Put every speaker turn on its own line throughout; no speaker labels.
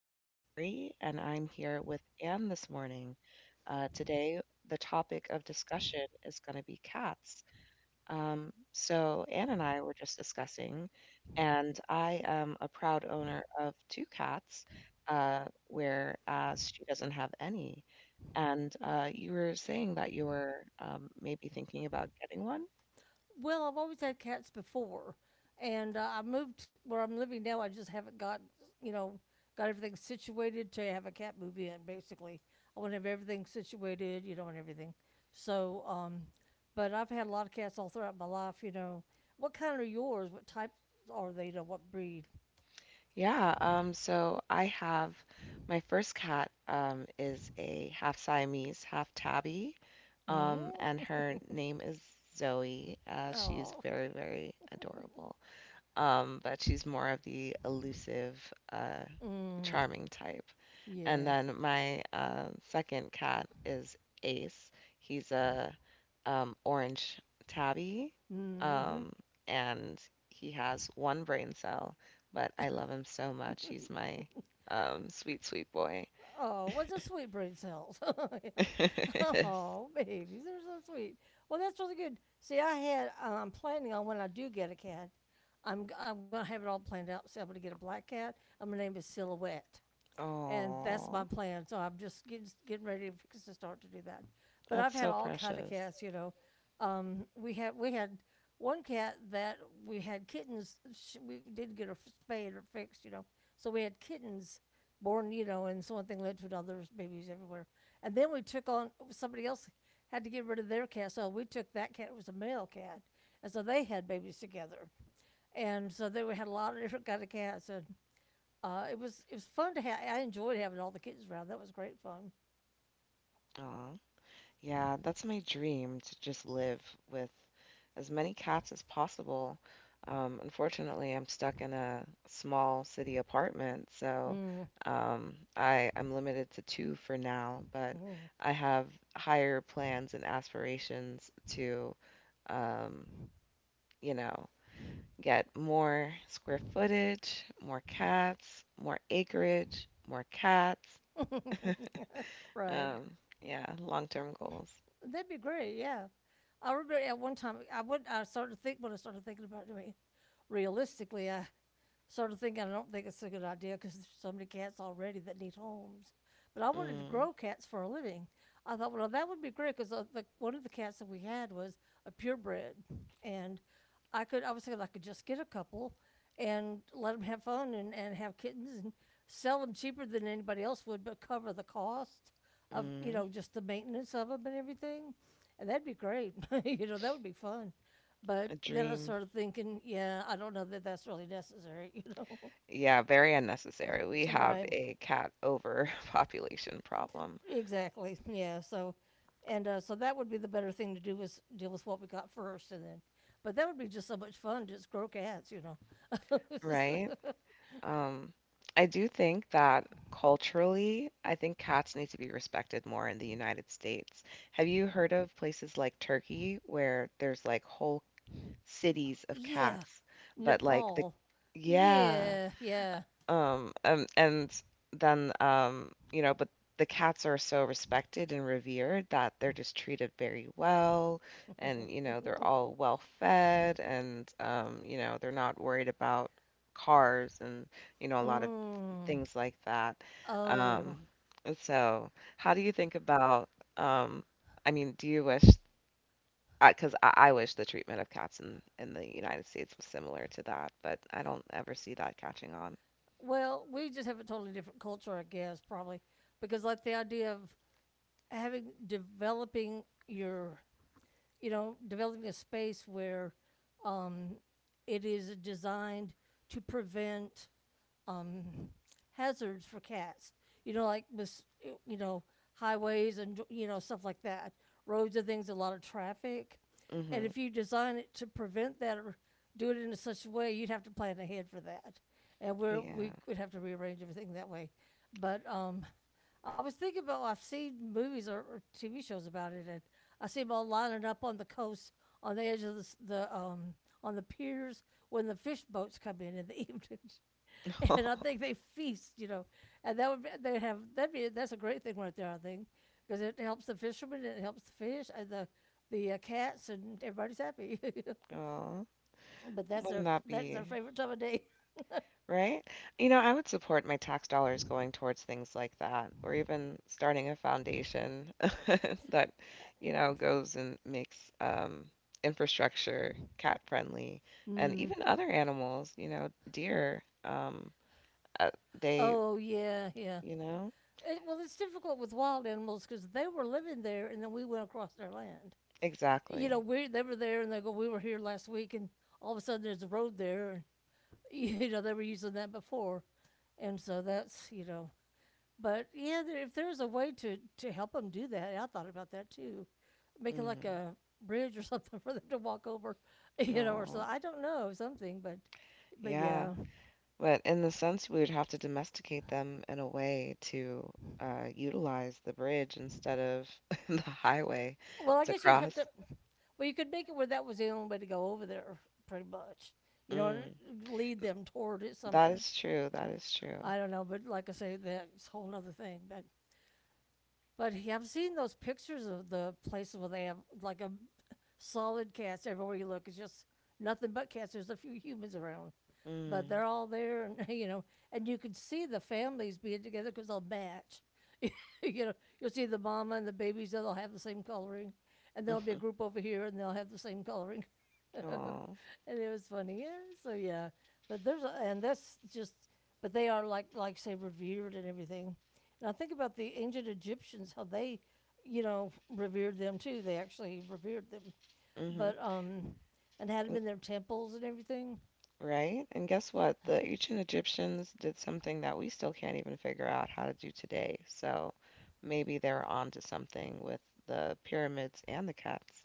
is Burry, and I'm here with Anne this morning. Today, the topic of discussion is going to be cats. So, Anne and I were just discussing, and I am a proud owner of two cats, whereas she doesn't have any. And you were saying that you were maybe thinking about getting one.
Well, I've always had cats before, and I moved where I'm living now. I just haven't got, you know, got everything situated to have a cat move in. Basically, I want to have everything situated, you know, and everything. So, but I've had a lot of cats all throughout my life. You know, what kind are yours? What type are they? You know, what breed?
Yeah, so I have my first cat is a half Siamese, half tabby,
Mm.
and her name is Zoe. Uh, she's
Oh,
very, very adorable, but she's more of the elusive,
mm.
charming type. And
Yeah.
then my second cat is Ace. He's a orange tabby,
Mm-hmm.
um, and he has one brain cell, but I love him so much. He's my sweet, sweet boy.
Oh, what's a sweet brain cells? Yeah.
It is.
Oh, babies, they're so sweet. Well, that's really good. See, I had I'm planning on when I do get a cat, I'm gonna have it all planned out. So I'm gonna get a black cat. I'm gonna name it Silhouette, and that's my
Oh,
plan. So I'm just getting ready to start to do that. But I've
that's
had
so
all kind of
precious.
cats, you know. We had one cat that we had kittens. Sh We did get her spayed or fixed, you know. So we had kittens born, you know, and so one thing led to another. There's babies everywhere, and then we took on somebody else had to get rid of their cat, so we took that cat. It was a male cat, and so they had babies together, and so they had a lot of different kind of cats and it was fun to have. I enjoyed having all the kids around. That was great fun.
Aw. Yeah, that's my dream to just live with as many cats as possible. Unfortunately, I'm stuck in a small city apartment, so
Mm,
I'm limited to two for now, but I have higher plans and aspirations to, um, you know, get more square footage, more cats, more acreage, more cats.
mm. Right,
Yeah, long-term goals.
that'd be great. Yeah, I remember at one time I started to think when I started thinking about doing it. Realistically, I sort of thing. I don't think it's a good idea because there's so many cats already that need homes. But I wanted to
Mm,
grow cats for a living. I thought, well, that would be great because one of the cats that we had was a purebred, and I was thinking I could just get a couple and let them have fun and, have kittens and sell them cheaper than anybody else would, but cover the cost of, you
mm.
know, just the maintenance of them and everything, and that'd be great. You know, that would be fun. But
A
then I
dream.
started thinking, yeah, I don't know that that's really necessary, you know?
Yeah, very unnecessary. We have
Right.
a cat overpopulation problem,
Exactly. Yeah. So, and so that would be the better thing to do is deal with what we got first, and then. But that would be just so much fun, just grow cats, you know.
right? Um, I do think that culturally, I think cats need to be respected more in the United States. Have you heard of places like Turkey where there's like whole cities of
Yeah,
cats, but like
Nepal.
yeah.
Yeah, yeah.
And then, but the cats are so respected and revered that they're just treated very well, and you know, they're all well fed, and you know, they're not worried about cars and you know, a lot of
Mm.
things like that.
Oh,
Um, and so, how do you think about, um, I mean, do you wish? Because I wish the treatment of cats in the United States was similar to that, but I don't ever see that catching on.
well, we just have a totally different culture, I guess, probably, because like the idea of having developing your, you know, developing a space where, um, it is designed to prevent, um, hazards for cats. You know, like with, you know, highways and, you know, stuff like that. Roads and things, a lot of traffic, and
Hmm.
if you design it to prevent that or do it in such a way, you'd have to plan ahead for that, and
Yeah.
we would have to rearrange everything that way. But I was thinking about I've seen movies or, TV shows about it, and I see them all lining up on the coast, on the edge of the, the, on the piers when the fish boats come in the evenings, and I think they feast, you know, and that would be, they have that be that's a great thing right there, I think, because it helps the fishermen, and it helps the fish and the cats, and everybody's happy.
Aw,
But
wouldn't that
that's their
be
favorite time of day.
right? You know, I would support my tax dollars going towards things like that, or even starting a foundation that, you know, goes and makes infrastructure cat friendly and
Mm.
even other animals, you know, deer. Uh, they,
Oh yeah, yeah.
you know,
It, well, it's difficult with wild animals because they were living there, and then we went across their land. You know,
exactly.
we they were there, and they go, we were here last week, and all of a sudden there's a road there, and you know they were using that before, and so that's you know. But yeah, there, if there's a way to help them do that, I thought about that too, making like
Mm.
a bridge or something for them to walk over, you know, or so
Oh,
I don't know something, but
yeah.
yeah,
But in the sense, we would have to domesticate them in a way to utilize the bridge instead of the highway
well, I
to
guess you'd have
cross.
to. Well, you could make it where that was the only way to go over there, pretty much. You know,
Mm,
lead them toward it
that
somehow.
is true. That is true.
I don't know, but like I say, that's a whole other thing. But I've seen those pictures of the places where they have like a solid cast everywhere you look. It's just nothing but cats. There's a few humans around, but
Mm.
they're all there, and you know, and you can see the families being together because they'll match. You know, you'll see the mama and the babies; they'll have the same coloring, and there'll be a
Mhm.
group over here, and they'll have the same coloring.
Aw.
And it was funny, yeah. So yeah, but there's a, and that's just, but they are like say revered and everything. Now think about the ancient Egyptians, how they, you know, revered them too. They actually revered them,
Mhm.
but and had them
Mm.
in their temples and everything.
Right? And guess what? The ancient Egyptians did something that we still can't even figure out how to do today. So maybe they're onto something with the pyramids and the cats,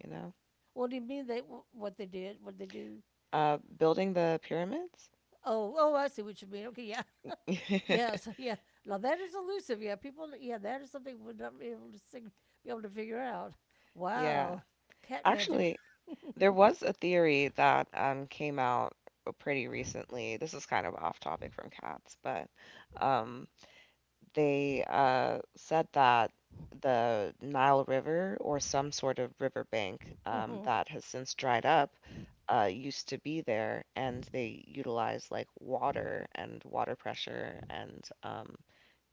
you know?
What do you mean they? What they did? What they do?
Building the pyramids?
Oh, oh, I see what you mean. Okay, yeah, yes, yeah. Now that is elusive. Yeah, people. Yeah, that is something we're not be able to be able to figure out.
Yeah.
Wow, cat magic.
Actually, there was a theory that came out pretty recently. This is kind of off topic from cats, but um, they said that the Nile River or some sort of riverbank that has since dried up used to be there, and they utilized like water and water pressure and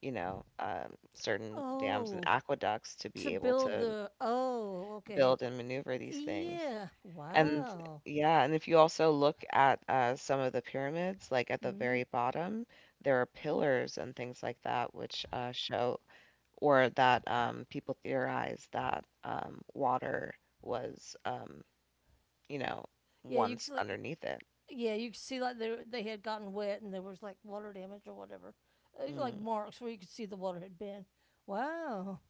you know certain dams and
Oh,
aqueducts to
to
be able
build
to
the. Oh, okay.
build and maneuver these things.
Yeah.
And
Wow.
yeah, and if you also look at some of the pyramids, like at the
Hmm.
very bottom, there are pillars and things like that, which show or that people theorize that water was, you know,
Yeah, you could
once
see, like
underneath it.
yeah, you could see like they had gotten wet and there was like water damage or whatever, like
Mm,
marks where you could see the water had been. Wow,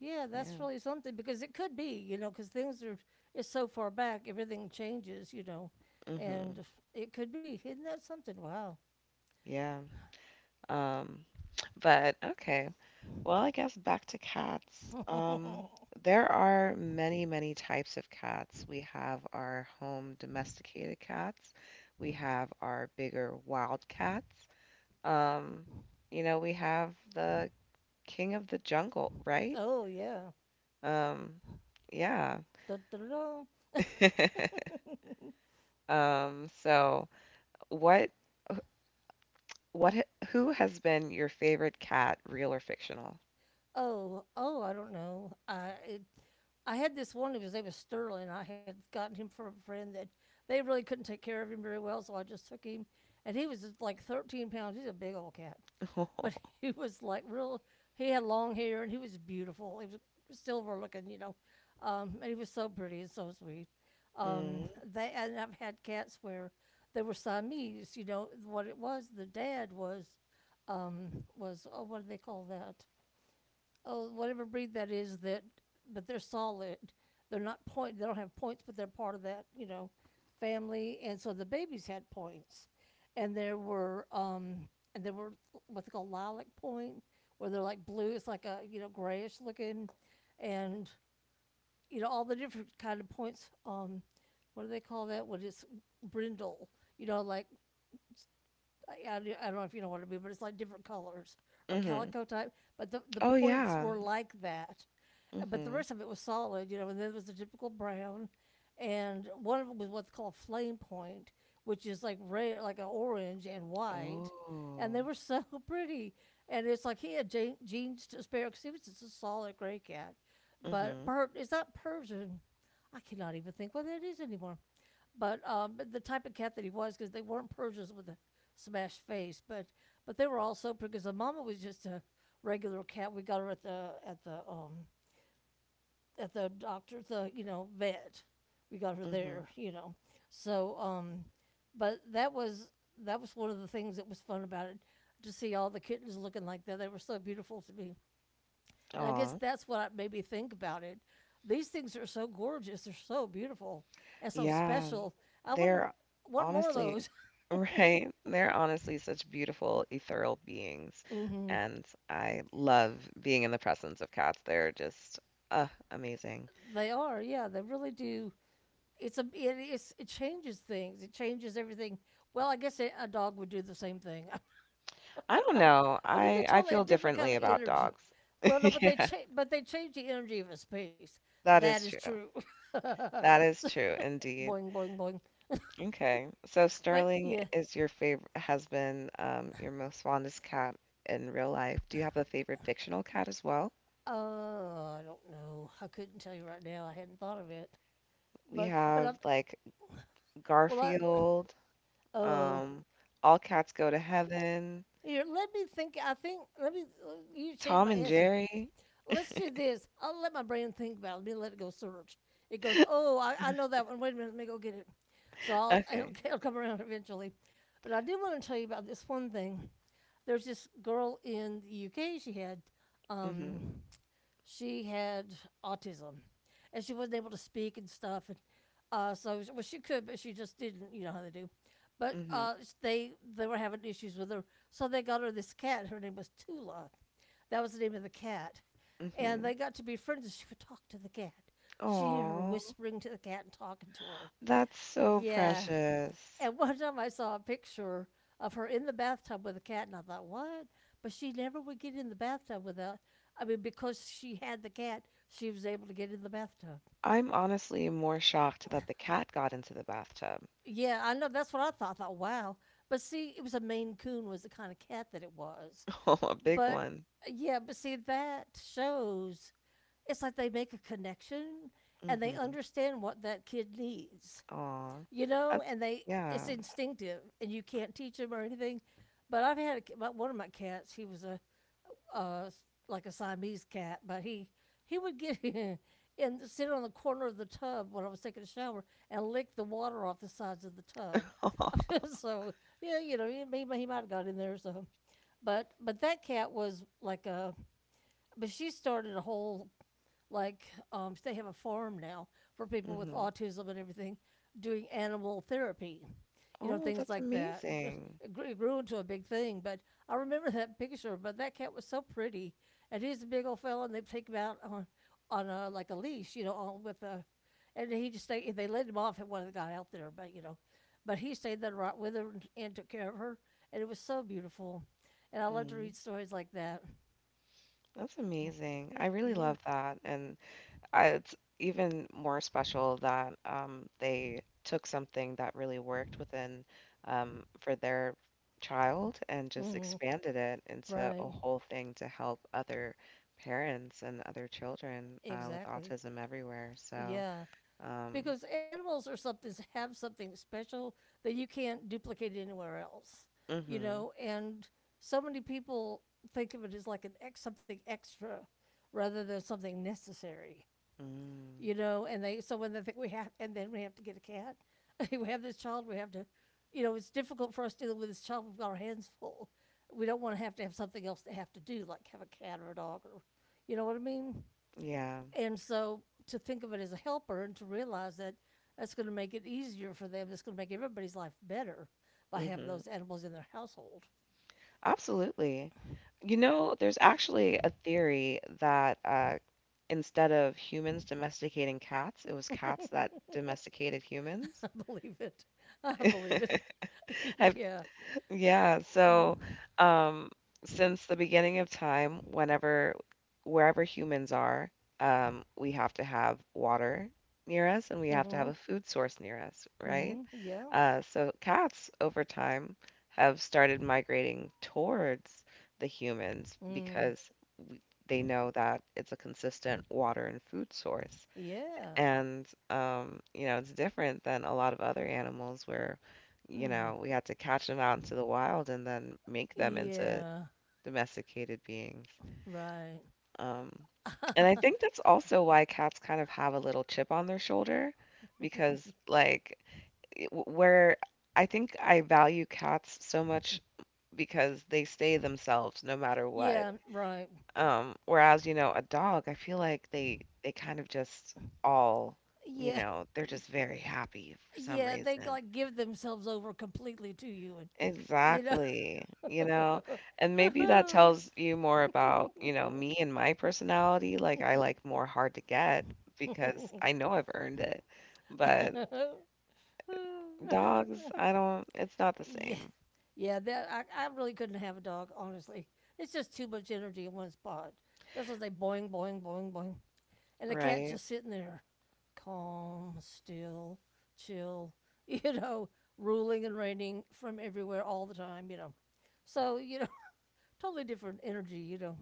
yeah, that's
yeah.
really something because it could be, you know, because things are it's so far back everything changes, you know,
Hmm.
and it could be isn't that something? Wow.
Yeah. Um, but okay. Well, I guess back to cats. There are many, many types of cats. We have our home domesticated cats. We have our bigger wild cats. Um, you know, we have the king of the jungle, right?
Oh yeah.
Um, yeah.
Dun, dun, dun, dun.
So what what ha- who has been your favorite cat, real or fictional?
Oh, oh, I don't know I had this one, because his name was Sterling. I had gotten him from a friend that they really couldn't take care of him very well, so I just took him. And he was like 13 pounds. He's a big old cat, but he was like real. He had long hair and he was beautiful. He was silver looking, you know, and he was so pretty and so sweet.
Mm.
They, and I've had cats where they were Siamese. You know what it was? The dad was, was oh, what do they call that? Oh, whatever breed that is that, but they're solid. They're not point. They don't have points, but they're part of that, you know, family. And so the babies had points, and there were um, and there were what they call lilac point, where they're like blue. It's like a, you know, grayish looking, and you know all the different kind of points. What do they call that? What is brindle? You know, like I don't know if you know what I mean, but it's like different colors or
Hmm.
calico type. But the
Oh
points
yeah.
were like that. But the
Hmm.
rest of it was solid, you know. And then there was the typical brown, and one of them was what's called flame point, which is like red, like an orange and white, and
Oh.
they were so pretty. And it's like he had jeans to spare because he was just a solid gray cat. But
Mhm.
it's not Persian. I cannot even think what that is anymore, but the type of cat that he was, because they weren't Persians with a smashed face, but they were also because the mama was just a regular cat. We got her at the, at the doctor, the, you know, vet. We got her
Mhm.
there, you know. So, but that was one of the things that was fun about it, to see all the kittens looking like that. They were so beautiful to me. And I guess
Aw.
that's what made me think about it. These things are so gorgeous. They're so beautiful and so
Yeah.
special. I want to
They're
want more of
honestly
those.
right. They're honestly such beautiful ethereal beings,
Hmm.
and I love being in the presence of cats. They're just amazing.
They are, yeah. They really do. It's a it's, it changes things. It changes everything. Well, I guess a dog would do the same thing,
I don't know.
but it'd be
I
totally a
feel
different kind
differently
of
about
energy.
dogs.
Well, no,
Yeah,
but they change the energy of a space.
that
That
is
is
true.
true.
That is
So-
true indeed.
boing, boing, boing.
Okay. So
But
Sterling
yeah,
is your favorite has been your most fondest cat in real life. Do you have a favorite fictional cat as well?
I don't know. I couldn't tell you right now. I hadn't thought of it.
We
But I
have like
well I
Garfield,
oh
um, All Cats Go to Heaven,
here let me think. I think let me you changed
Tom
my
and
answer.
Jerry.
Let's do this. I'll let my brain think about it. Let it go search. It goes, oh, I know that one. Wait a minute, let me go get it. So I'll, it'll,
Okay.
it'll come around eventually. But I do want to tell you about this one thing. There's this girl in the UK. Um,
Mhm.
she had autism, and she wasn't able to speak and stuff. And so, well, she could, but she just didn't. You know how they do. But
Mhm.
they were having issues with her, so they got her this cat. Her name was Tula, that was the name of the cat. And
Mhm.
they got to be friends, and she would talk to the cat. She heard her
Aw,
whispering to the cat and talking to her.
that's so
Yeah.
precious.
And one time I saw a picture of her in the bathtub with a cat, and I thought, what? But she never would get in the bathtub without, I mean, because she had the cat, she was able to get in the bathtub.
I'm honestly more shocked that the cat got into the bathtub.
Yeah, I know. That's what I thought. I thought, wow. But see, it was a Maine Coon was the kind of cat that it was.
Oh, a big
But
one.
yeah, but see, that shows it's like they make a connection and they
Mhm.
understand what that kid needs,
Aw.
you
Uh,
know, and they it's
yeah.
instinctive and you can't teach them or anything. But I've had a, my- one of my cats. He was a uh, like a Siamese cat, but he would get and sit on the corner of the tub when I was taking a shower and lick the water off the sides of the tub. So yeah, you know, he might have got in there. So, but that cat was like a. But she started a whole like they have a forum now for people with
Mhm.
autism and everything doing animal therapy, you know,
Oh,
things
that's
like that.
amazing.
It grew into a big thing, but I remember that picture. But that cat was so pretty, and he's a big old fella, and they take him out on a like a leash, you know, on with a, and he just stayed. They let him off at one that got out there, but you know, but he stayed there right with her and took care of her, and it was so beautiful, and I love to
Mm,
read stories like that.
that's amazing. I really
Yeah,
love that. And I, it's even more special that they took something that really worked within for their child and just
hmm,
expanded it into
right,
a whole thing to help other parents and other children with
exactly.
autism everywhere. So,
Yeah,
um,
because animals are something have something special that you can't duplicate anywhere else, you
mm-hmm,
know. And so many people think of it as like an ex something extra rather than something necessary,
mm,
you know. And they so when they think we have and then we have to get a cat, we have this child, we have to, you know, it's difficult for us to deal with this child. We've got our hands full. We don't want to have something else to have to do, like have a cat or a dog or, you know what I mean?
yeah,
And so to think of it as a helper and to realize that that's going to make it easier for them, that's going to make everybody's life better by having
mm-hmm.
those animals in their household.
Absolutely. You know, there's actually a theory that instead of humans domesticating cats, it was cats that
I
domesticated humans.
believe it. I believe it.
I've,
Yeah.
yeah, so
Mm-hmm.
um, since the beginning of time, whenever, wherever humans are, we have to have water near us and we have to have
Mm-hmm.
a food source near us, right?
Mm-hmm. Yeah.
So cats over time have started migrating towards the humans
Mm.
because w they know that it's a consistent water and food source.
Yeah.
And you know, it's different than a lot of other animals where, you
Mm.
know, we had to catch them out into the wild and then make them into
Yeah.
domesticated beings.
Right.
Um, and I think that's also why cats kind of have a little chip on their shoulder because like it- where I think I value cats so much because they stay themselves no matter what.
Yeah. Right.
Whereas, you know, a dog, I feel like they kind of just all, you
Yeah.
know, they're just very happy for some
Yeah. They
reason.
like give themselves over completely to you, and you know.
Exactly. You know, and maybe that tells you more about, you know, me and my personality. Like I like more hard to get because I know I've earned it. But dogs, I don't, it's not the
Yeah,
same,
yeah. That I really couldn't have a dog. Honestly, it's just too much energy in one spot. This was a boing, boing, boing, boing, and the cat's
right?
just sitting there, calm, still, chill. You know, ruling and reigning from everywhere all the time. You know, so you know, totally different energy. You know,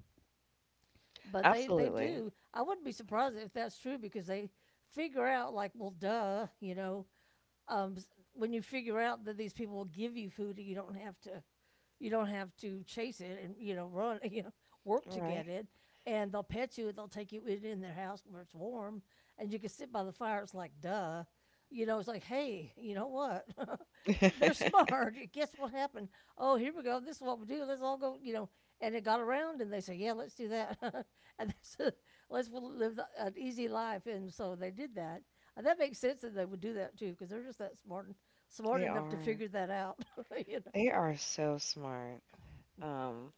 but they
Absolutely.
do. I wouldn't be surprised if that's true because they figure out, like, well, duh, you know, s- when you figure out that these people will give you food, and you don't have to chase it and you know run, you know, work to
Right.
get it. And they'll pet you. They'll take you in their house where it's warm, and you can sit by the fire. It's like duh, you know. It's like hey, you know what? They're smart. Guess what happened? Oh, here we go. This is what we do. Let's all go. You know. And it got around, and they said, yeah, let's do that. And that's let's live the, an easy life. And so they did that. And that makes sense that they would do that too, because they're just that smart, smart
They
enough to
are.
figure that out, you
They
know.
are so smart. Um,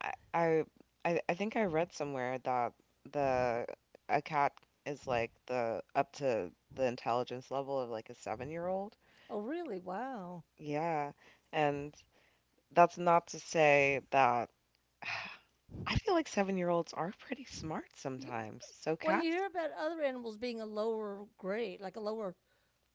I, I, I think I read somewhere that the a cat is like the up to the intelligence level of like a 7-year-old old.
Oh, really? Wow.
Yeah, and that's not to say that I feel like 7-year-olds olds are pretty smart
You,
sometimes. So
well, you
cats,
hear about other animals being a lower grade, like a lower,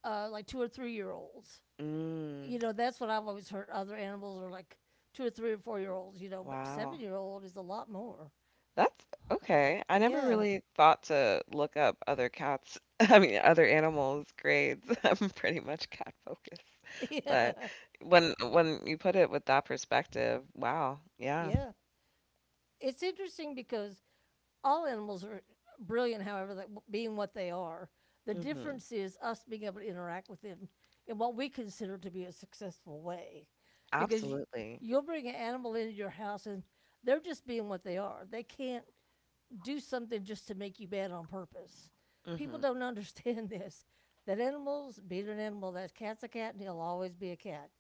like 2 or 3 year olds.
mm,
You know, that's what I've always heard. Other animals are like 2 or 3 or 4 year olds. You know, but seven
wow.
year old is a lot more.
That's okay. I never
Yeah,
really thought to look up other cats I mean, other animals' grades. I'm pretty much cat focused. But
yeah,
when you put it with that perspective, wow, yeah.
yeah. It's interesting because all animals are brilliant, however, that being what they are. The
Mhm.
difference is us being able to interact with them in what we consider to be a successful way. Because y-
Absolutely.
you'll bring an animal into your house and they're just being what they are. They can't do something just to make you bad on purpose. People
Mhm.
don't understand this. That animals be it an animal, that cat's a cat and he'll always be a cat.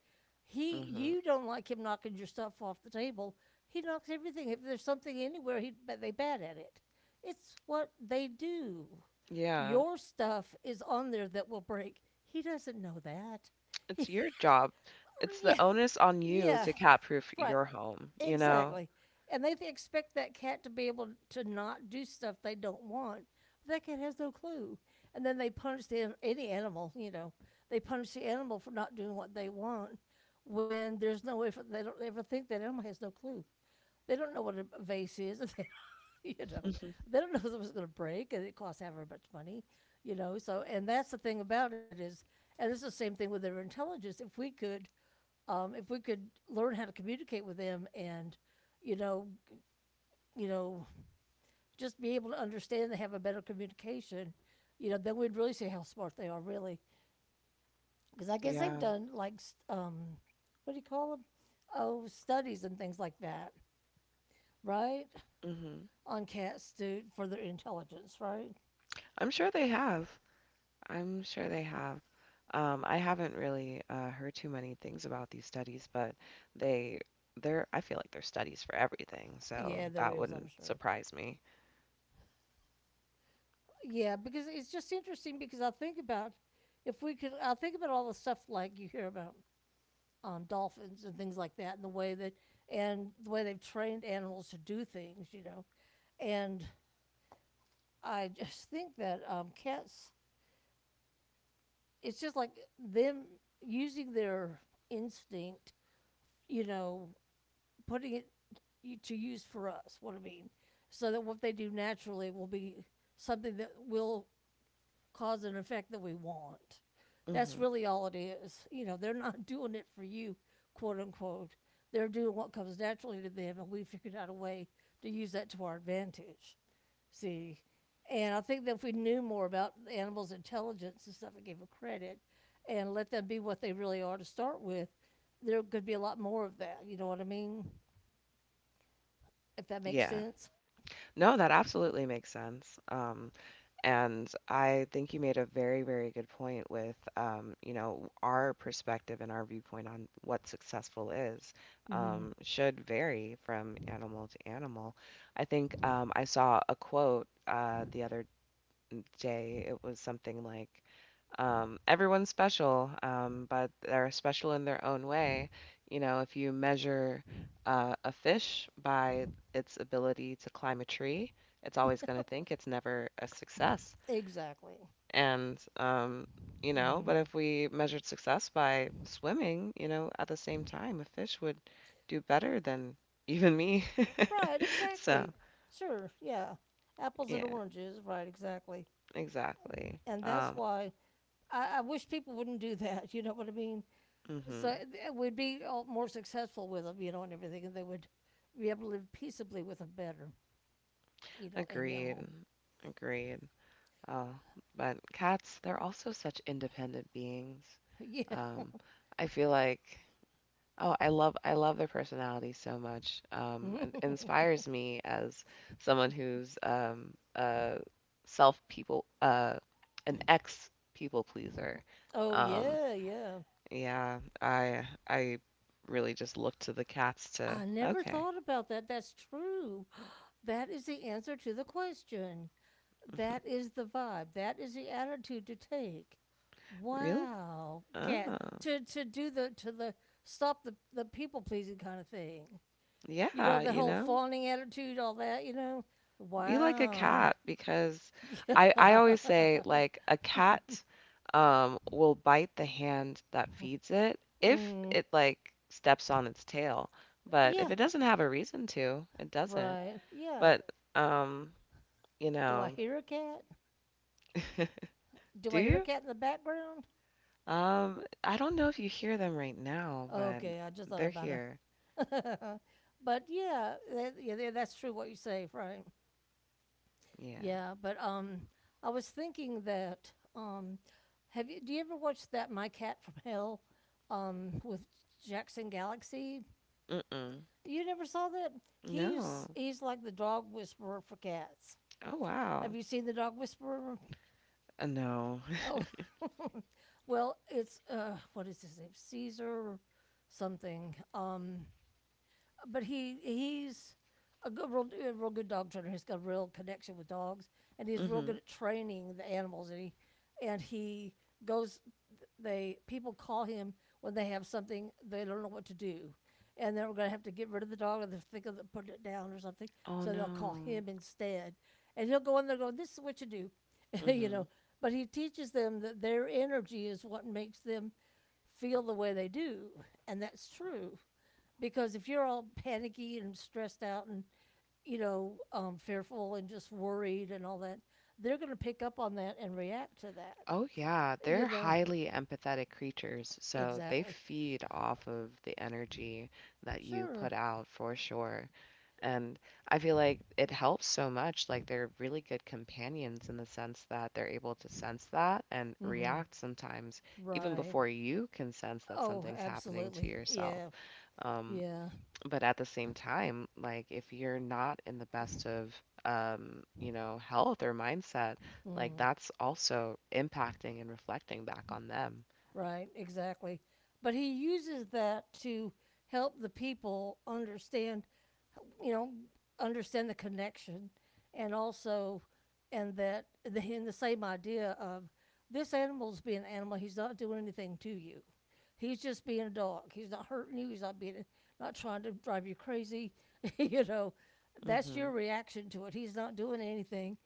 He
Mhm.
you don't like him knocking your stuff off the table. He knocks everything. If there's something anywhere, he but they bat at it. It's what they do.
Yeah.
Your stuff is on there that will break. He doesn't know that.
It's your job. It's the
Yeah,
onus on you
yeah,
to cat proof
right.
your home, you know?
Exactly. And they expect that cat to be able to not do stuff they don't want. That cat has no clue. And then they punish the, any animal, you know, they punish the animal for not doing what they want when there's no way for, they don't ever think that animal has no clue. They don't know what a vase is. They, you know,
Mhm.
they don't know if it was going to break and it costs however much money, you know. So, and that's the thing about it is, and it's the same thing with their intelligence. If we could learn how to communicate with them and you know you know just be able to understand they have a better communication you know then we'd really see how smart they are really because I guess they've
Yeah.
done like um, what do you call them oh studies and things like that right
Mhm.
on cats to for their intelligence right
I'm sure they have. I'm sure they have. I haven't really heard too many things about these studies, but they they're I feel like they're studies for everything, so
yeah there
that
is I'm
wouldn't
sure
surprise me.
yeah because it's just interesting because I think about if we could I think about all the stuff like you hear about dolphins and things like that, and the way that and the way they've trained animals to do things, you know. And I just think that cats, it's just like them using their instinct, you know, putting it y- to use for us. What I mean, so that what they do naturally will be something that we'll cause and effect that we want. That's
Hmm.
really all it is. You know, they're not doing it for you, quote unquote. They're doing what comes naturally to them, and we figured out a way to use that to our advantage. See, and I think that if we knew more about the animals' intelligence and stuff and gave them credit and let them be what they really are to start with, there could be a lot more of that. You know what I mean? If that makes
Yeah.
sense.
No, that absolutely makes sense. And I think you made a very, very good point with, you know, our perspective and our viewpoint on what successful is,
Mm.
should vary from animal to animal. I think I saw a quote the other day, it was something like, everyone's special, but they're special in their own way. You know, if you measure a fish by its ability to climb a tree, it's always going to think it's never a success.
Exactly.
And, you know, but
Hmm,
if we measured success by swimming, you know, at the same time, a fish would do better than even me.
right,
So,
exactly. Sure, yeah. Apples and
yeah,
oranges, right, exactly.
exactly.
And that's why I wish people wouldn't do that, you know what I mean?
Mhm.
So th- we'd be all more successful with them, you know, and everything, and they would be able to live peaceably with a better, you know, an
Agreed.
animal.
Agreed. Uh, but cats, they're also such independent beings.
Yeah.
Um, I feel like, oh, I love their personality so much. It inspires me as someone who's a self people an ex people pleaser.
Oh,
Um,
yeah, yeah.
yeah, I really just look to the cats to,
I never
okay,
thought about that. That's true. That is the answer to the question. That is the vibe. That is the attitude to take.
really?
Wow. Get
Oh,
to do the to the stop the people pleasing kind of thing. You
yeah,
know that
you
whole
know.
fawning attitude, all that. You know.
Be like a
Wow.
cat because I
Yeah.
always say like a cat will bite the hand that feeds it if
Mm.
it like steps on its tail. But if
Yeah.
it doesn't have a reason to, it doesn't.
Right. Yeah.
But um, you
Do I
know,
hear a cat? Do
do
I hear a
you?
cat in the background?
I don't know if you hear them right now, but
Okay, I just thought
they're
about
here.
it. But yeah, that, yeah, yeah, that's true what you say, right?
Yeah.
Yeah, but I was thinking that have you? Do you ever watch that My Cat from Hell with Jackson Galaxy?
Mm-mm.
You never saw that? He's
No.
he's like the dog whisperer for cats.
Oh wow.
Have you seen the dog whisperer?
No.
Oh, well, it's what is his name? Caesar something. But he's a good, real, a real good dog trainer. He's got a real connection with dogs, and he's real
Mm-hmm.
good at training the animals. And he goes. They people call him when they have something they don't know what to do, and they're going to have to get rid of the dog, or they're thinking of putting it down or something.
Oh
So they'll call
no.
him instead, and he'll go in there going, "This is what you do." you
Mm-hmm.
know. But he teaches them that their energy is what makes them feel the way they do, and that's true because if you're all panicky and stressed out and fearful and just worried and all that, they're going to pick up on that and react to that.
Oh, yeah,
You
they're
know.
highly empathetic creatures, so they
Exactly.
feed off of the energy that you
Sure.
put out for sure. And I feel like it helps so much. Like they're really good companions in the sense that they're able to sense that and
Mm-hmm.
react sometimes, even
Right.
before you can sense that
Oh,
something's happening to
absolutely,
yourself.
yeah.
um,
Yeah.
but at the same time, like if you're not in the best of you know, health or mindset, like
Mm.
that's also impacting and reflecting back on them.
Right, exactly. But he uses that to help the people understand, you know, understand the connection, and also, and that, in the same idea of this animal's being an animal. He's not doing anything to you. He's just being a dog. He's not hurting you. He's not being, not trying to drive you crazy. you know, that's your
Mhm.
reaction to it. He's not doing anything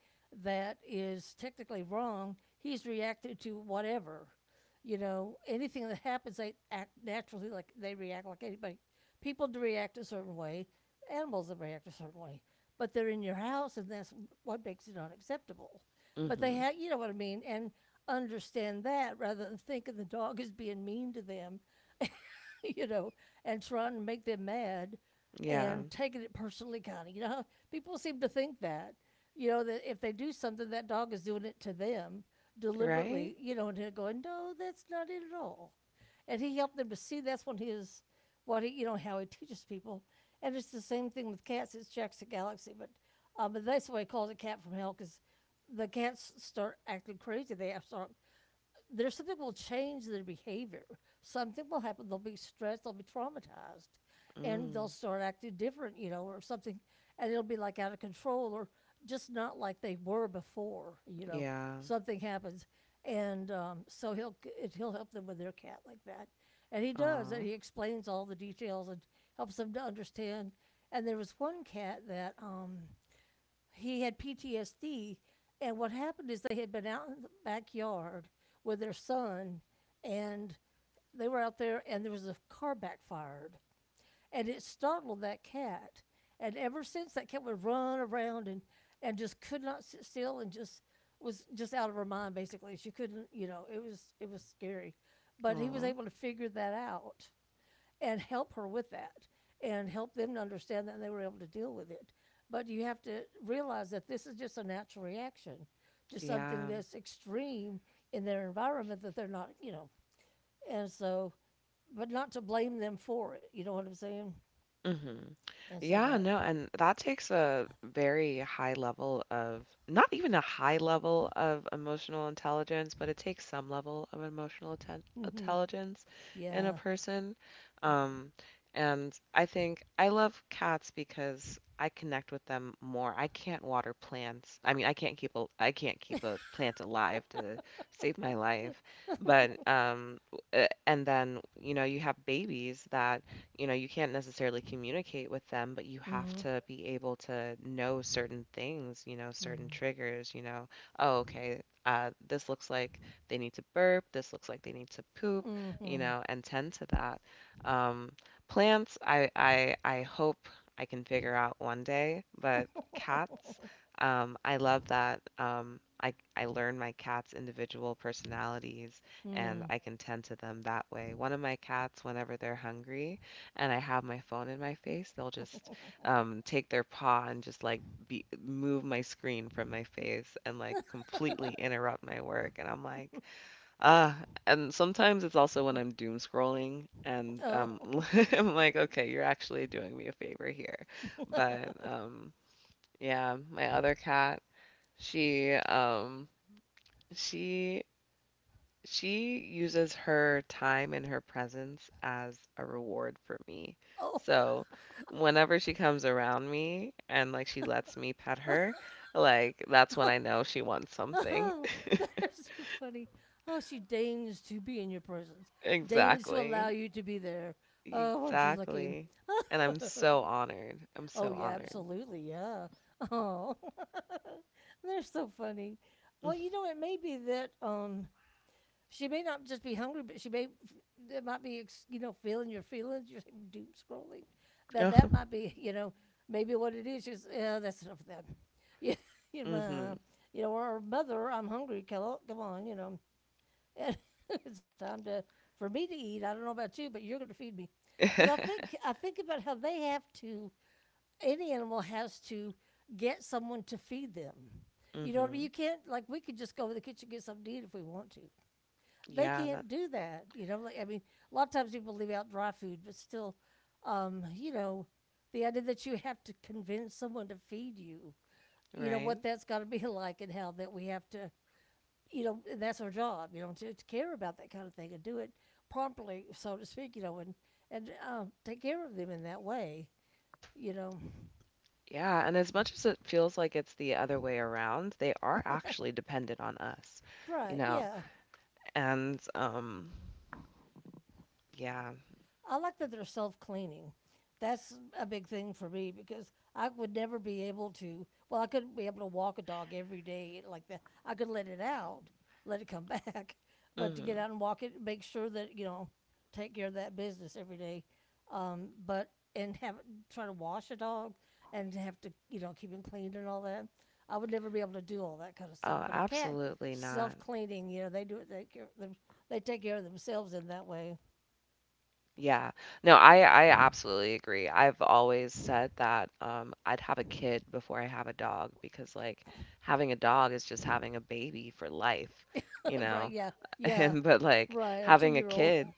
that is technically wrong. He's reacted to whatever. Anything that happens, they act naturally like they react like anybody. People do react a certain way, animals that react a certain way, but they're in your house, and that's what makes it unacceptable. But they
Mhm.
have, you know what I mean, and understand that rather than thinking the dog is being mean to them, you know, and trying to make them mad
Yeah.
and taking it personally, kind of. People seem to think that, that if they do something, that dog is doing it to them
Right?
deliberately, and they're going, no, that's not it at all. And he helped them to see that's what his, what he, how he teaches people. And it's the same thing with cats. It's Jack's the Galaxy, but that's why he calls it Cat from Hell, because the cats start acting crazy. They start there's something will change their behavior. Something will happen. They'll be stressed. They'll be traumatized, and they'll
Mm.
start acting different, or something, and it'll be like out of control or just not like they were before.
Yeah.
Something happens, and so he'll help them with their cat like that, and he does, and
Aw.
he explains all the details and helps them to understand. And there was one cat that he had PTSD, and what happened is they had been out in the backyard with their son, and they were out there, and there was a car backfired, and it startled that cat, and ever since that cat would run around and just could not sit still and just was just out of her mind basically. She couldn't, it was scary, but he was
Aw.
able to figure that out and help her with that and help them to understand that, and they were able to deal with it. But you have to realize that this is just a natural reaction to something
Yeah.
that's extreme in their environment that they're not, and so, but not to blame them for it. You know what I'm saying?
Mhm.
And so
Yeah,
that,
no, and that takes a very high level of not even a high level of emotional intelligence, but it takes some level of emotional
mhm,
intelligence in a
yeah.
person. Um, and I think I love cats because I connect with them more. I can't water plants. I mean, I can't keep a plant alive to save my life. But um, w- uh, and then, you have babies that, you can't necessarily communicate with them, but you have
Mm-hmm,
to be able to know certain things, certain triggers, oh, okay, this looks like they need to burp, this looks like they need to poop,
mm-hmm,
and tend to that. Um, plants, I hope I can figure out one day, but cats, I love that. I learn my cat's individual personalities and
mm-hmm. Mm.
I can tend to them that way. One of my cats, whenever they're hungry, and I have my phone in my face, they'll just take their paw and just like move my screen from my face and like completely interrupt my work. And I'm like, ah. And sometimes it's also when I'm doom scrolling and
Oh.
I'm like, okay, you're actually doing me a favor here. But um, yeah, my other cat, she um, she she uses her time and her presence as a reward for me.
Oh.
So, whenever she comes around me and like she lets me pet her, like that's when
Oh
I know she wants something.
my. That's so funny. Oh, she deigns to be in your presence, deigns to allow
Exactly.
you to be there. Oh, aren't you lucky?
Exactly. And I'm so honored. I'm
Oh,
so
yeah,
honored.
absolutely, yeah. Oh, they're so funny. Well, it may be that she may not just be hungry, but she may. It might be, feeling your feelings. You're like doom scrolling. That
Mm-hmm.
might be, maybe what it is. She's Yeah, that's enough of that. Yeah, you
Mm-hmm.
know, or mother, I'm hungry. Come on, come on, and it's time to for me to eat. I don't know about you, but you're going to feed me, because I think I think about how they have to. Any animal has to get someone to feed them. You know what I mean?
Mm-hmm.
You can't, like, we could just go to the kitchen and get something to eat if we want to. They
Yeah, that
can't do that. Like, I mean, a lot of times people leave out dry food, but still, um, you know, the idea that you have to convince someone to feed you,
right.
what that's got to be, like, and how that we have to, that's our job, to care about that kind of thing and do it promptly, so to speak, and take care of them in that way, you know.
Yeah, and as much as it feels like it's the other way around, they are actually dependent on us. You
Right,
know.
yeah.
And yeah.
I like that they're self cleaning. That's a big thing for me, because I would never be able to. Well, I couldn't be able to walk a dog every day like that. I could let it out, let it come back, but to get
Mhm.
out and walk it, make sure that, take care of that business every day. But and have try to wash a dog and have to, keep him clean and all that. I would never be able to do all that kind of stuff.
Oh,
But a cat,
absolutely not.
self cleaning, they do it. They take care of themselves in that way.
Yeah. No, I absolutely agree. I've always said that I'd have a kid before I have a dog because like having a dog is just having a baby for life, you
Right,
know.
yeah, yeah,
And but like
right. A two
having a
year old,
kid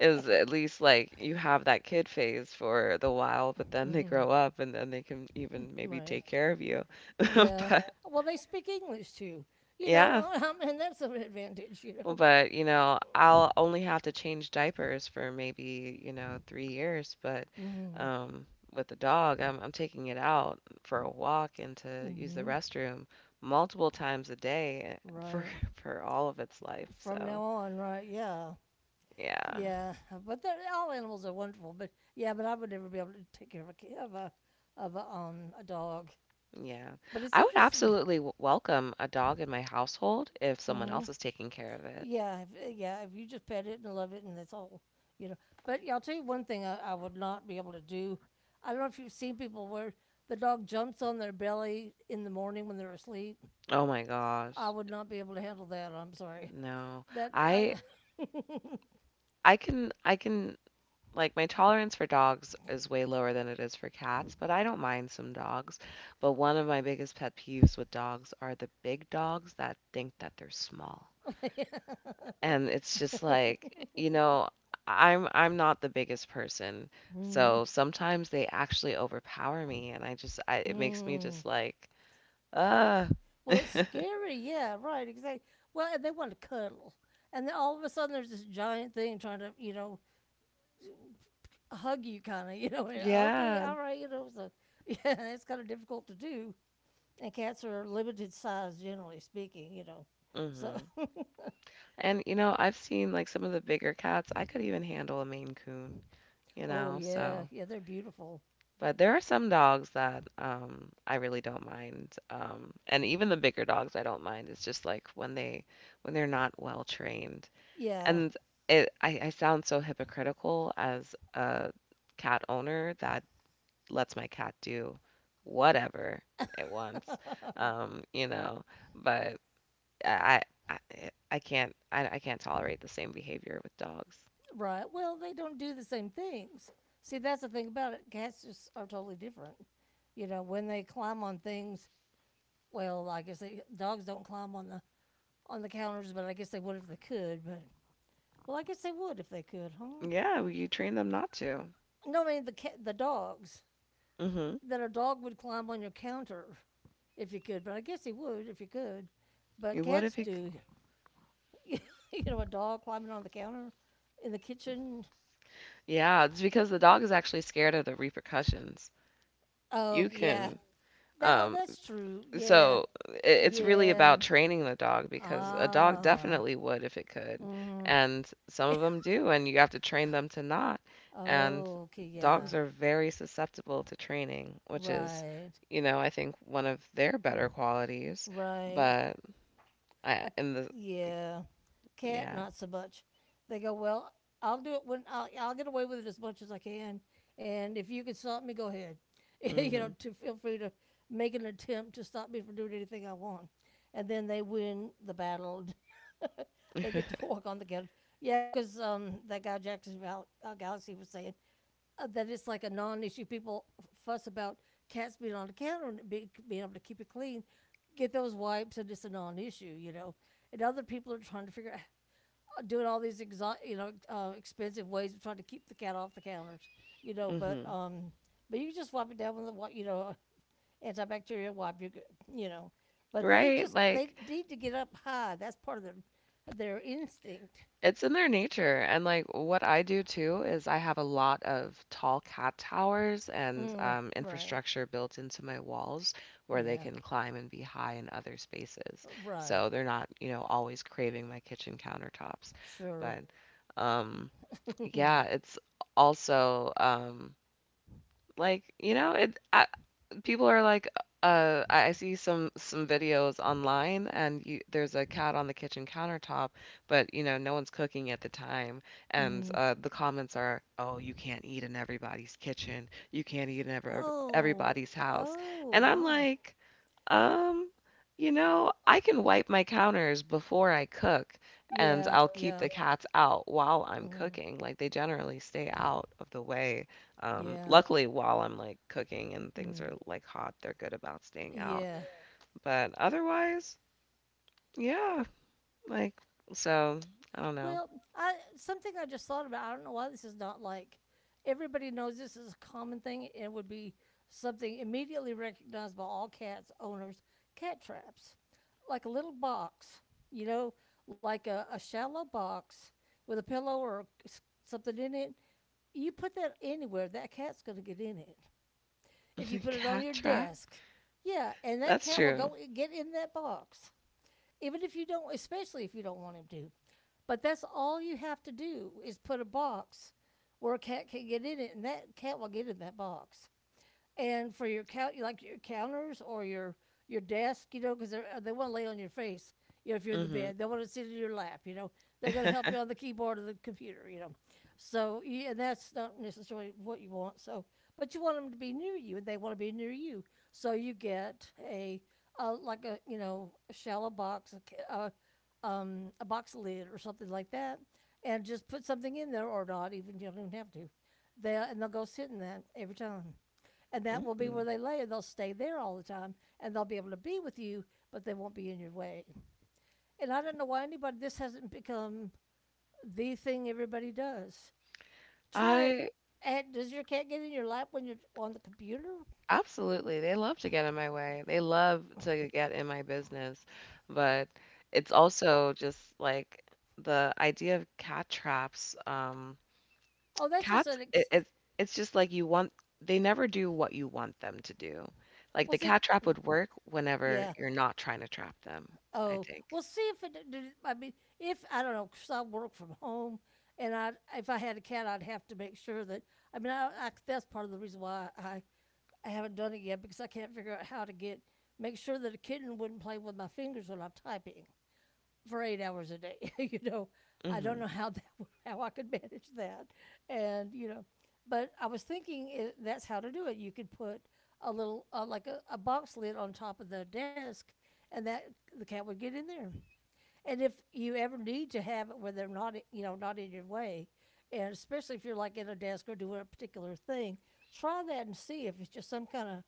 is at least like you have that kid phase for the while, but then they grow up and then they can even maybe
right,
take care of you.
yeah.
But
Well, they speak English too,
yeah,
and that's an advantage.
but, I'll only have to change diapers for maybe, 3 years, but,
Mm-hmm.
um, with the dog, I'm taking it out for a walk and to use the
Mm-hmm.
restroom multiple times a day for
Right.
for all of its life,
From now
so
on, right, yeah,
yeah,
yeah. But all animals are wonderful, but yeah, but I would never be able to take care of a, ki- of a, a dog.
yeah.
But it's
I would
interesting.
absolutely w welcome a dog in my household if someone
Mm-hmm.
else is taking care of it.
Yeah. If you just pet it and love it, and that's all, you know. But yeah, I'll tell you one thing I would not be able to do. I don't know if you've seen people where the dog jumps on their belly in the morning when they're asleep.
Oh my
I
gosh,
would not be able to handle that. I'm sorry.
no.
That
I
I.
I can Like, my tolerance for dogs is way lower than it is for cats, but I don't mind some dogs. But one of my biggest pet peeves with dogs are the big dogs that think that they're small. And it's just like, I'm not the biggest person.
Hmm,
So sometimes they actually overpower me and it makes me
hmm.
just like, uh
Well, it's scary. Yeah, right. Exactly. Well, and they want to cuddle, and then all of a sudden there's this giant thing trying to, hug you, kind of, and, okay,
Yeah.
all right, so yeah, it's kind of difficult to do. And cats are limited size, generally speaking. So,
hmm. And I've seen like some of the bigger cats. I could even handle a Maine Coon, you
oh,
know,
yeah,
so
yeah, they're beautiful.
But there are some dogs that I really don't mind, and even the bigger dogs I don't mind. It's just like when they're not well trained,
Yeah.
and I sound so hypocritical as a cat owner that lets my cat do whatever it wants, um, you know. But I I, I I can't tolerate the same behavior with dogs.
Right. Well, they don't do the same things. See, that's the thing about it. Cats just are totally different. When they climb on things, well, I guess dogs don't climb on the counters, but I guess they would if they could. But, well, I guess they would if they could, huh?
Yeah, well, you train them not to.
No, I mean the the dogs.
hmm.
That a dog would climb on your counter if you could, but I guess he would if you could. But
You would
cats
if you.
do. you a dog climbing on the counter in the kitchen.
Yeah, it's because the dog is actually scared of the repercussions.
Oh,
You
yeah.
can.
That, oh,
um,
that's true. Yeah.
so i- it's really
Yeah.
about training the dog because a dog
Ah.
definitely would if it could,
Mm.
and some of them do, and you have to train them to not. And
Oh, okay. Yeah.
dogs are very susceptible to training, which is,
Right.
you know, I think one of their better qualities.
Right.
But I,
Uh,
in the,
yeah. Cat
yeah,
not so much. They go, well, I'll do it I'll get away with it as much as I can, and if you can stop me, go ahead.
mm-hmm.
To feel free to make an attempt to stop me from doing anything I want, and then they win the battle. They get to walk on the couch. Yeah, because that guy Jackson Galaxy was saying that it's like a non-issue. People fuss about cats being on the counter and being able to keep it clean. Get those wipes, and it's a non-issue. And other people are trying to figure out doing all these expensive ways of trying to keep the cat off the counters. But
hmm.
you just wipe it down with a antibacterial wipe, you g- you know. But they
Right?
just they
Like,
need to get up high. That's part of their instinct.
it's in their nature, and, like, what I do too is I have a lot of tall cat towers and,
Mm,
um,
right.
infrastructure built into my walls where they
Yeah.
can climb and be high in other spaces,
Right.
so they're not always craving my kitchen countertops,
Sure.
but, um, yeah,
Mm.
it's also, like, you know, it I people are like, I see some videos online, and there's a cat on the kitchen countertop, but no one's cooking at the time, and the comments are, "Oh, you can't eat in everybody's kitchen. You can't eat in ever
Oh.
everybody's house,"
Oh
and I'm
my.
like. Um, I can wipe my counters before I cook, and
Yeah.
I'll keep the
Yeah.
cats out while I'm
Mm,
cooking. Like they generally stay out of the way. Um,
yeah.
luckily, while I'm like cooking and things are
Mm,
like hot, they're good about staying out.
yeah.
But otherwise, yeah, like so, I don't know.
Well, I something I just thought about. I don't know why this is not like everybody knows this is a common thing and it would be something immediately recognized by all cats owners. Cat traps, like a little box, you know, like a shallow box with a pillow or something in it. You put that anywhere, that cat's going to get in it. If you put it on
Cat
your
trap?
desk, yeah, and that
That's
cat will
true.
get in that box, even if you don't, especially if you don't want him to. But that's all you have to do is put a box where a cat can get in it, and that cat will get in that box and for your counters or your desk, you know, because they want to lay on your face. You know, if you're in the
Mm-hmm.
bed, they want to sit in your lap. You know, they're going to help you on the keyboard or the computer. You know, so yeah, that's not necessarily what you want. So, but you want them to be near you, and they want to be near you. So you get a like a you know a shallow box, a box lid or something like that, and just put something in there or not. Even you don't even have to. They'll go sit in that every time and that will be where
Mm.
they lay, and they'll stay there all the time, and they'll be able to be with you, but they won't be in your way. And I don't know why anybody this hasn't become the thing everybody does. Try it.
I
And does your cat get in your lap when you're on the computer?
Absolutely. They love to get in my way. They love to get in my business. But it's also just like the idea of cat traps. Um,
Oh, that's just
cats,
an
it,
ex.
it's it's just like they never do what you want them to do. Like the
Was it?
cat trap would work whenever
Yeah.
you're not trying to trap them, I
Oh,
think.
we'll see if it. I mean, if I don't know, 'cause I work from home, and I if I had a cat, I'd have to make sure that. I mean, I that's part of the reason why I haven't done it yet because I can't figure out how to get make sure that a kitten wouldn't play with my fingers when I'm typing for 8 hours a day. you know, I
Mm-hmm.
don't know how that would, how I could manage that, and you know, but I was thinking I that's how to do it. You could put a little like a box lid on top of the desk, and that the cat would get in there. And if you ever need to have it where they're not, you know, not in your way, and especially if you're like at a desk or doing a particular thing, try that and see if it's just some kind of,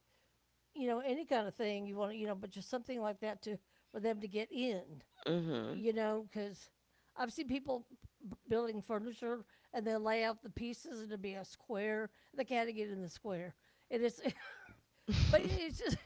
you know, any kind of thing you want to, you know, but just something like that to for them to get in,
Mm-hmm.
you know, because I've seen people building furniture and they lay out the pieces and it'll be a square. They can't get in the square, and it's, but it's just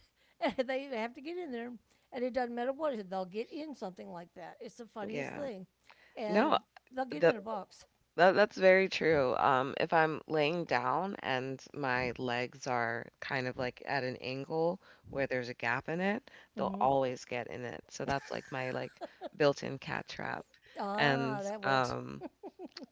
they have to get in there, and it doesn't matter what it is, they'll get in something like that. It's the funniest
Yeah.
thing, and
No,
they'll get
the
in a box.
that's very true. If I'm laying down and my legs are kind of like at an angle where there's a gap in it, they'll
Hmm.
always get in it. So that's like my like built-in cat trap. And
Ah, that works.
um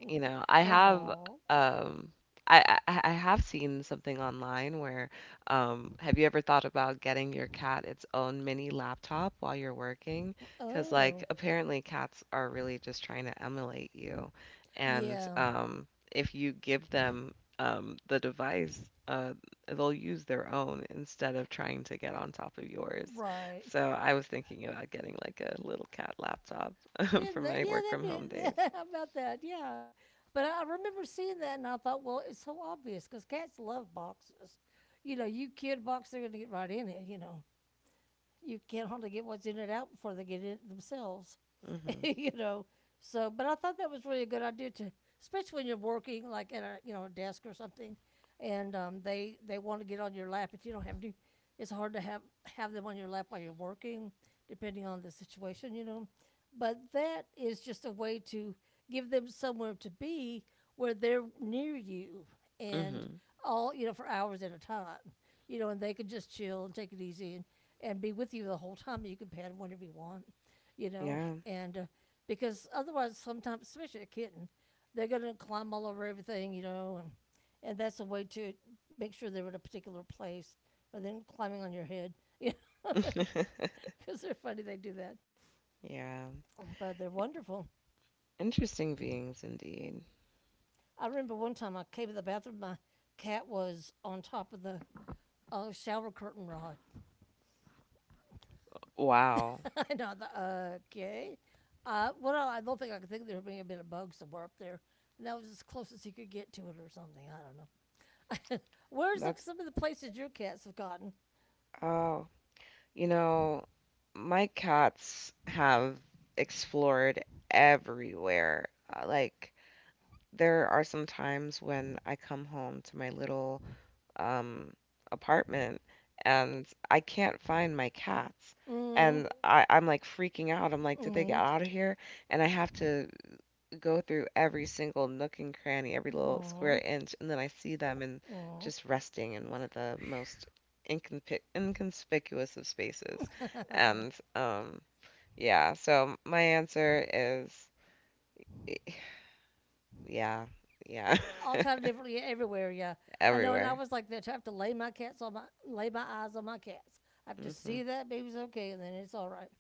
you know, I have
Oh,
um I have seen something online, where have you ever thought about getting your cat its own mini laptop while you're working? 'Cause like
oh,
apparently cats are really just trying to emulate you. And
yeah,
um if you give them the device, uh they'll use their own instead of trying to get on top of yours.
right.
So I was thinking about getting like a little cat laptop for
Isn't that?
my work from home
Yeah,
days.
that'd be about that. Yeah, but I remember seeing that and I thought, well, it's so obvious because cats love boxes. You know, you kid a box, they're gonna get right in it. You know, you can't hardly get what's in it out before they get in it themselves.
hmm.
you know, so, but I thought that was really a good idea to, especially when you're working like at a, you know, a desk or something, and they want to get on your lap, but you don't have to. It's hard to have them on your lap while you're working, depending on the situation, you know. But that is just a way to give them somewhere to be where they're near you and
Mhm.
all, you know, for hours at a time, you know, and they can just chill and take it easy and be with you the whole time. You can pet them whenever you want, you know,
Yeah.
and because otherwise, sometimes, especially a kitten, they're going to climb all over everything, you know, and that's a way to make sure they're in a particular place rather than climbing on your head, you know, because they're funny, they do that.
yeah.
But they're wonderful.
Interesting beings indeed.
I remember one time I came to the bathroom, my cat was on top of the shower curtain rod.
Wow.
and I thought, okay. Well, I don't think I could think there may have been a bug somewhere up there. And that was as close as he could get to it or something. I don't know. Where's the,
That's
some of the places your cats have gotten?
oh, you know, my cats have explored everywhere. Like there are some times when I come home to my little um apartment and I can't find my cats.
Mm,
And I'm like freaking out. I'm like, did they get
mm,
out of here? And I have to go through every single nook and cranny, every little square
mm,
inch, and then I see them and
mm.
just resting in one of the most inconspicuous of spaces. And um, yeah, so my answer is yeah, yeah,
All kind of different, yeah. Everywhere. Yeah, I know. And I
everywhere.
was like that. I have to lay my cats on my lay my eyes on my cats. I have to
hmm.
see that baby's okay, and then it's all right.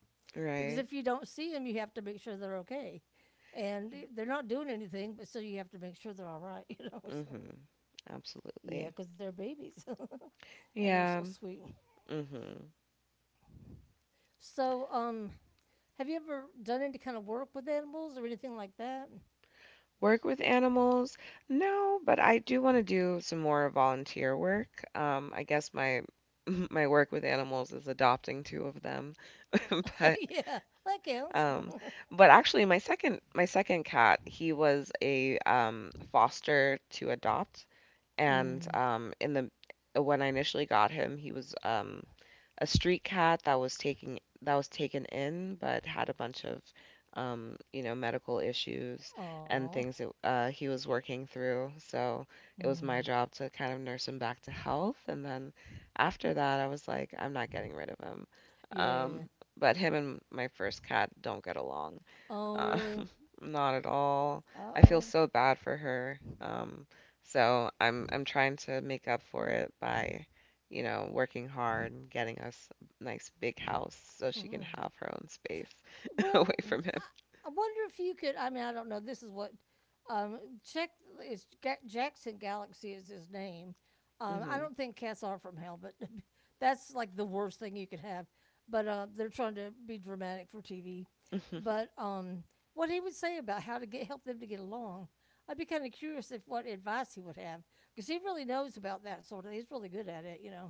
Because
Right.
if you don't see them, you have to make sure they're okay, and they're not doing anything. But still, you have to make sure they're all right. You know. So
hmm.
yeah,
Absolutely.
because they're babies, and they're so
Yeah.
sweet.
hmm.
So have you ever done any kind of work with animals or anything like that?
Work with animals? No, but I do want to do some more volunteer work. I guess my my work with animals is adopting two of them. But
Yeah, that counts.
um, actually, my second cat, he was a foster to adopt. And,
Mm.
in the when I initially got him, he was a street cat that was taking that was taken in, but had a bunch of medical issues and
Aw.
things that he was working through. So it was my
Mm.
job to kind of nurse him back to health. And then after that, I was like, I'm not getting rid of him. Um,
Yeah.
but him and my first cat don't get along.
Oh,
Uh,
really?
not at all.
Uh
I feel
oh.
so bad for her. So I'm trying to make up for it by working hard and getting us a nice big house so she can
Mm.
have her own space away
Well,
from
I wonder if you could. I mean, I don't know. This is what. Check. It's Jackson Galaxy is his name. I
him.
don't think cats are from hell, but that's like the worst thing you could have. But they're trying to be dramatic for TV.
hmm. hmm.
But What he would say about how to get help them to get along. I'd be kind of curious if what advice he would have because he really knows about that sort of. He's really good at it, you know.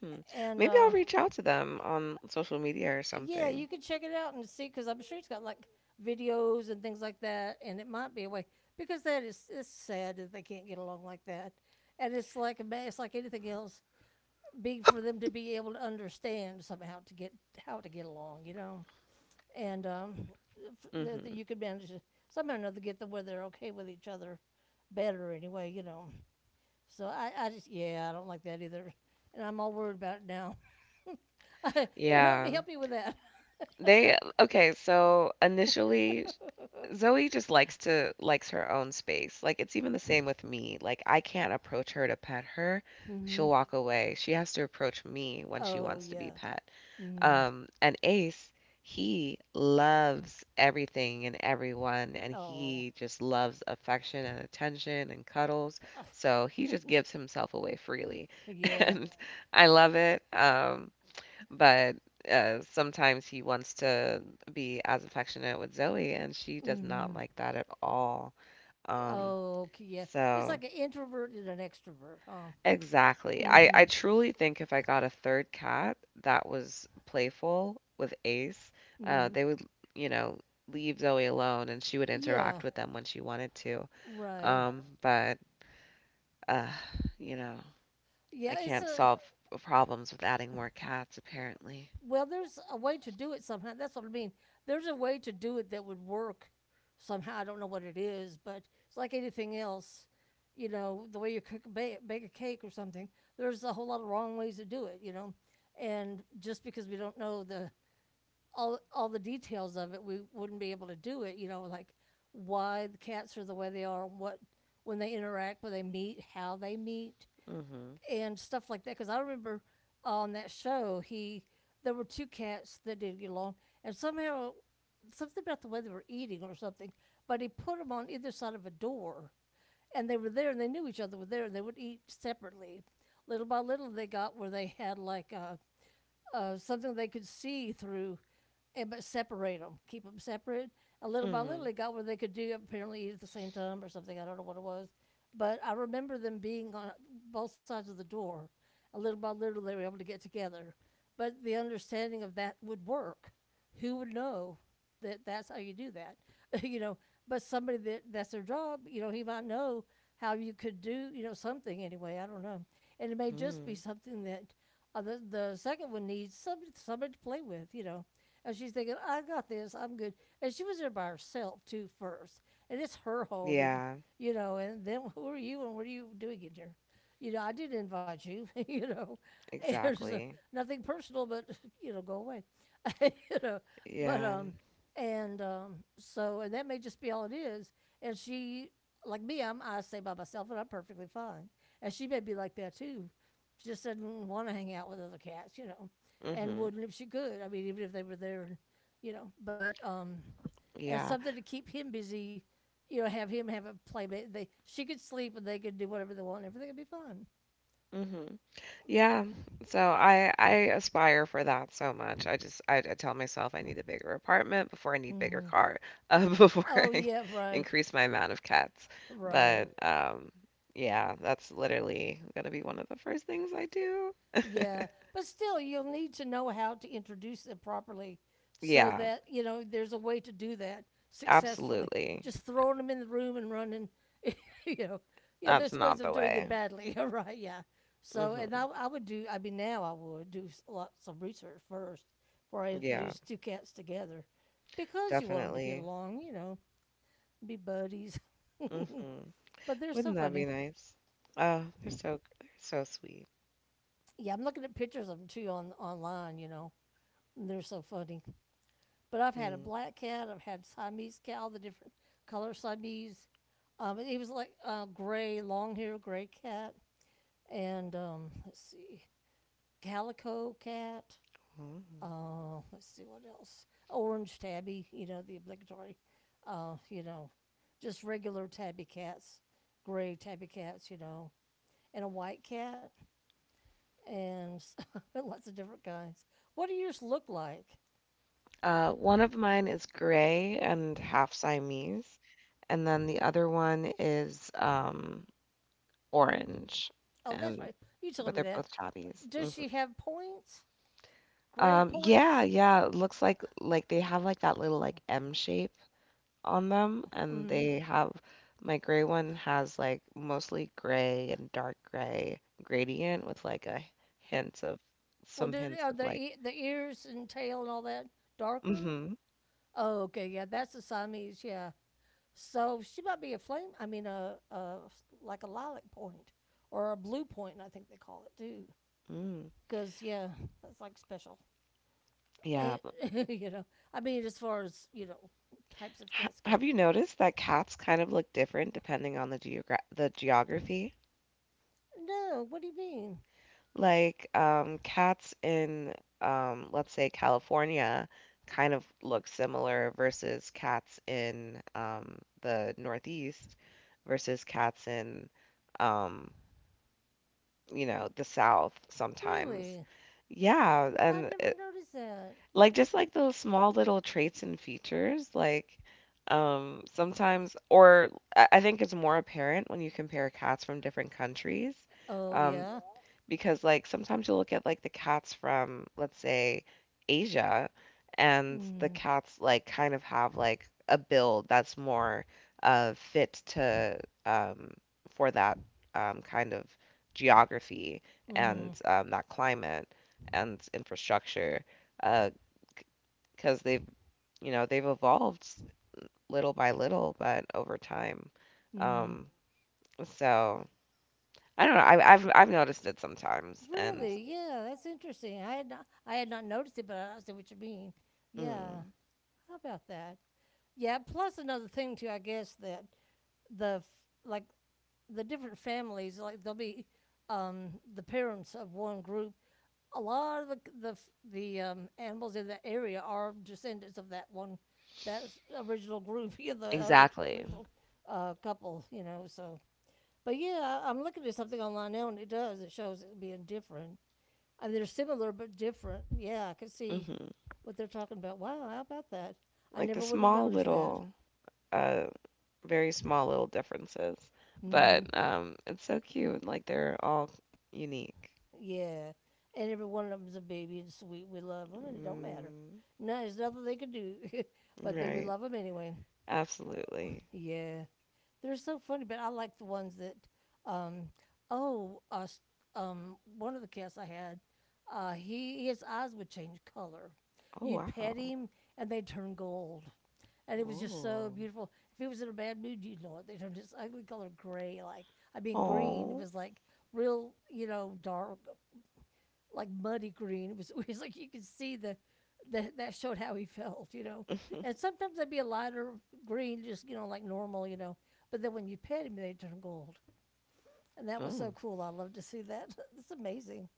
hmm.
And
Maybe I'll reach out to them on social media or
yeah,
something.
you could check it out and see because I'm sure it's got like videos and things like that, and it might be a way because that is it's sad that they can't get along like that, and it's like a it's like anything else, big for them to be able to understand somehow to get how to get along, you know. And
hmm.
you could manage to somehow or another get them where they're okay with each other better anyway, you know. So I just, yeah, I don't like that either. And I'm all worried about it now. Here, let me
Yeah.
help you with that.
They Okay, so initially Zoe just likes her own space. Like it's even the same with me. Like I can't approach her to pet her.
Hmm.
She'll walk away. She has to approach me when she
Oh,
wants to be
yeah.
pet.
Mm.
And Ace, he loves everything and everyone and
Oh.
he just loves affection and attention and cuddles. So he just gives himself away freely.
Yeah.
And I love it. But sometimes he wants to be as affectionate with Zoe, and she does not
Mm.
like that at all. Um,
Oh, okay, yeah. It's like
so
an introvert and an extrovert, huh?
exactly. I,
Mm-hmm.
I truly think if I got a third cat that was playful with Ace,
Mm.
they would, you know, leave Zoe alone and she would
Yeah,
interact with them when she wanted to.
right.
But, uh, you know, I
Yeah, it's
can't
a
solve problems with adding more cats, apparently.
Well, there's a way to do it somehow. That's what I mean. There's a way to do it that would work somehow. I don't know what it is, but it's like anything else. You know, the way you cook, bake a cake or something. There's a whole lot of wrong ways to do it. You know, and just because we don't know the all the details of it, we wouldn't be able to do it. You know, like why the cats are the way they are, what when they interact, when they meet, how they meet,
hmm.
and stuff like that. Because I remember on that show, he there were two cats that didn't get along, and somehow something about the way they were eating or something. But he put them on either side of a door, and they were there, and they knew each other were there, and they would eat separately. Little by little, they got where they had like something they could see through, and but separate them, keep them separate. And little by little,
hmm.
it got where they could do apparently eat at the same time or something. I don't know what it was, but I remember them being on both sides of the door. And little by little, they were able to get together. But the understanding of that would work. Who would know that that's how you do that, you know. But somebody that that's their job, you know, he might know how you could do, you know, something anyway. I don't know, and it may just be
hmm.
something that the second one needs somebody to play with, you know. And she's thinking, I got this, I'm good. And she was there by herself too first, and it's her home, and
Yeah.
you know, and then who are you, and what are you doing in here? You know, I did not invite you, you know. There's
Exactly.
nothing personal, but go away, you know. But
Yeah.
and so, and that may just be all it is. And she, like me, I stay by myself and I'm perfectly fine. And she may be like that too. Just doesn't want to hang out with other cats, and
Mhm.
wouldn't if she could. I mean, even if they were there, but, and
Yeah.
something to keep him busy, have him have a playmate. She could sleep and they could do whatever they want. Everything would be fun.
Mhm. Yeah. So I aspire for that so much. I tell myself I need a bigger apartment before I need bigger
Mm-hmm.
car before
Oh,
I
yeah, right,
increase my amount of cats.
right.
But yeah, that's literally gonna be one of the first things I do.
Yeah, but still, you'll need to know how to introduce them properly, so
Yeah,
that you know there's a way to do that successfully.
absolutely.
Just throwing them in the room and running, you know, yeah.
That's
There's ways
not the
of doing it
way.
badly, all right? Yeah. So, and
Mhm.
I would do. I mean, now I would do lots of research first before I
Yeah,
introduce two cats together, because you want them to get
definitely.
along, be buddies.
Mhm.
But they're so
Wouldn't that be
funny.
nice? Oh, they're so sweet.
Yeah, I'm looking at pictures of them too on online. And they're so funny. But I've had a
Mhm.
black cat, I've had Siamese cat, all the different color Siamese. And he was like gray, long hair, gray cat, and let's see, calico cat. Let's see what else. Orange tabby, you know the obligatory. Uh, you know, just regular tabby cats, gray tabby cats, and a white cat, and lots of different kinds. What do yours look like?
One of mine is gray and half Siamese, and then the other one is orange,
Oh, that's
and
right. You
but
told me
they're
that.
both chobbies. Hmm
Does she have points? Gray
Yeah,
points?
yeah. It looks like they have like that little like M shape on them, and
Mm.
they have my gray one has like mostly gray and dark gray gradient with like a hints of
Well,
some
did
hints
are
of like
the ears and tail and all that darker?
mm-hmm.
Oh, okay, yeah, that's the Siamese. Yeah, so she might be a flame. I mean, a like a lilac point or a blue point. I think they call it too.
Mm.
Because yeah, that's like special. Eh,
Yeah.
you know, I mean, as far as you know, types of
Ha
cats
Have
go.
you noticed that cats kind of look different depending on the geogra the geography?
No, what do you mean?
Like, cats in, let's say California kind of look similar versus cats in, the Northeast versus cats in, um, you know, the South sometimes.
Really?
Yeah,
I
and
never noticed that.
like, just, like, those small little traits and features, like, sometimes or I think it's more apparent when you compare cats from different countries,
Oh
um,
yeah.
because, like, sometimes you look at, like, the cats from, let's say, Asia, and the
Mm.
cats, like, kind of have, like, a build that's more, fit to, um for that, kind of geography
Mm.
and, that climate and infrastructure, uh, 'cause they've, you know, they've evolved s little by little, but over time.
Mm.
Um, so I don't know, I've noticed it sometimes and
Really? Yeah, that's interesting. I had not noticed it, but I see what you mean. Yeah.
mm,
How about that? Yeah, plus another thing too, I guess that the f- like the different families, like there'll be the parents of one group. A lot of the c- the f- the animals in that area are descendants of that one original group, yeah, the
exactly.
original couple, so but yeah, I'm looking at something online now and it does. It shows it being different. I mean, they're similar but different. Yeah, I can see
Mhm.
what they're talking about. Wow, how about that? I
Like the
never would have
small
noticed that.
little, uh, very small little differences,
Hmm.
but, it's so cute, like they're all unique.
Yeah, and every one of them's a baby and sweet. We love them, and it don't matter.
Mm,
No, there's nothing they can do, but that we
right.
love them anyway.
Absolutely.
Yeah, they're so funny, but I like the ones that, um, oh, one of the cats I had, he his eyes would change color.
Oh,
You'd pet
wow.
him and they turn gold, and it was just so
Woah.
beautiful. If he was in a bad mood, you'd know it. They turned this ugly color gray, like I mean green. It
Oh.
was like real, dark like muddy green. It was, it was like you could see the, that showed how he felt. And sometimes they'd be a lighter green, just like normal. But then when you pet him, they turn gold, and that was so
Oh,
cool. I love to see that. It's amazing.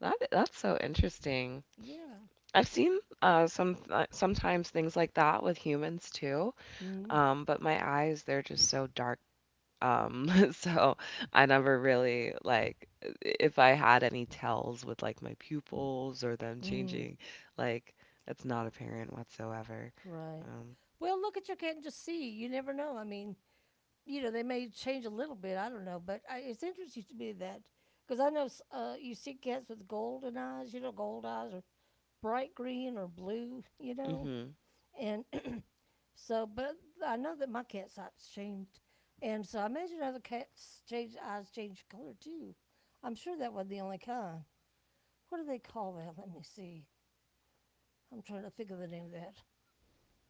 that that's so interesting.
Yeah.
I've seen, some sometimes things like that with humans too,
Mm.
but my eyes, they're just so dark, so I never really, like, if I had any tells with, like, my pupils or them
Mm.
changing, like, it's not apparent whatsoever.
Right.
Um,
Well, look at your cat and just see. You never know. I mean, they may change a little bit. I don't know, but it's interesting to me that because I know you see cats with golden eyes, gold eyes or bright green or blue,
mhm,
and so, but I know that my cat's eyes changed, and so I imagine other cats' change eyes change color too. I'm sure that wasn't the only kind. What do they call that? Let me see. I'm trying to think of the name of that.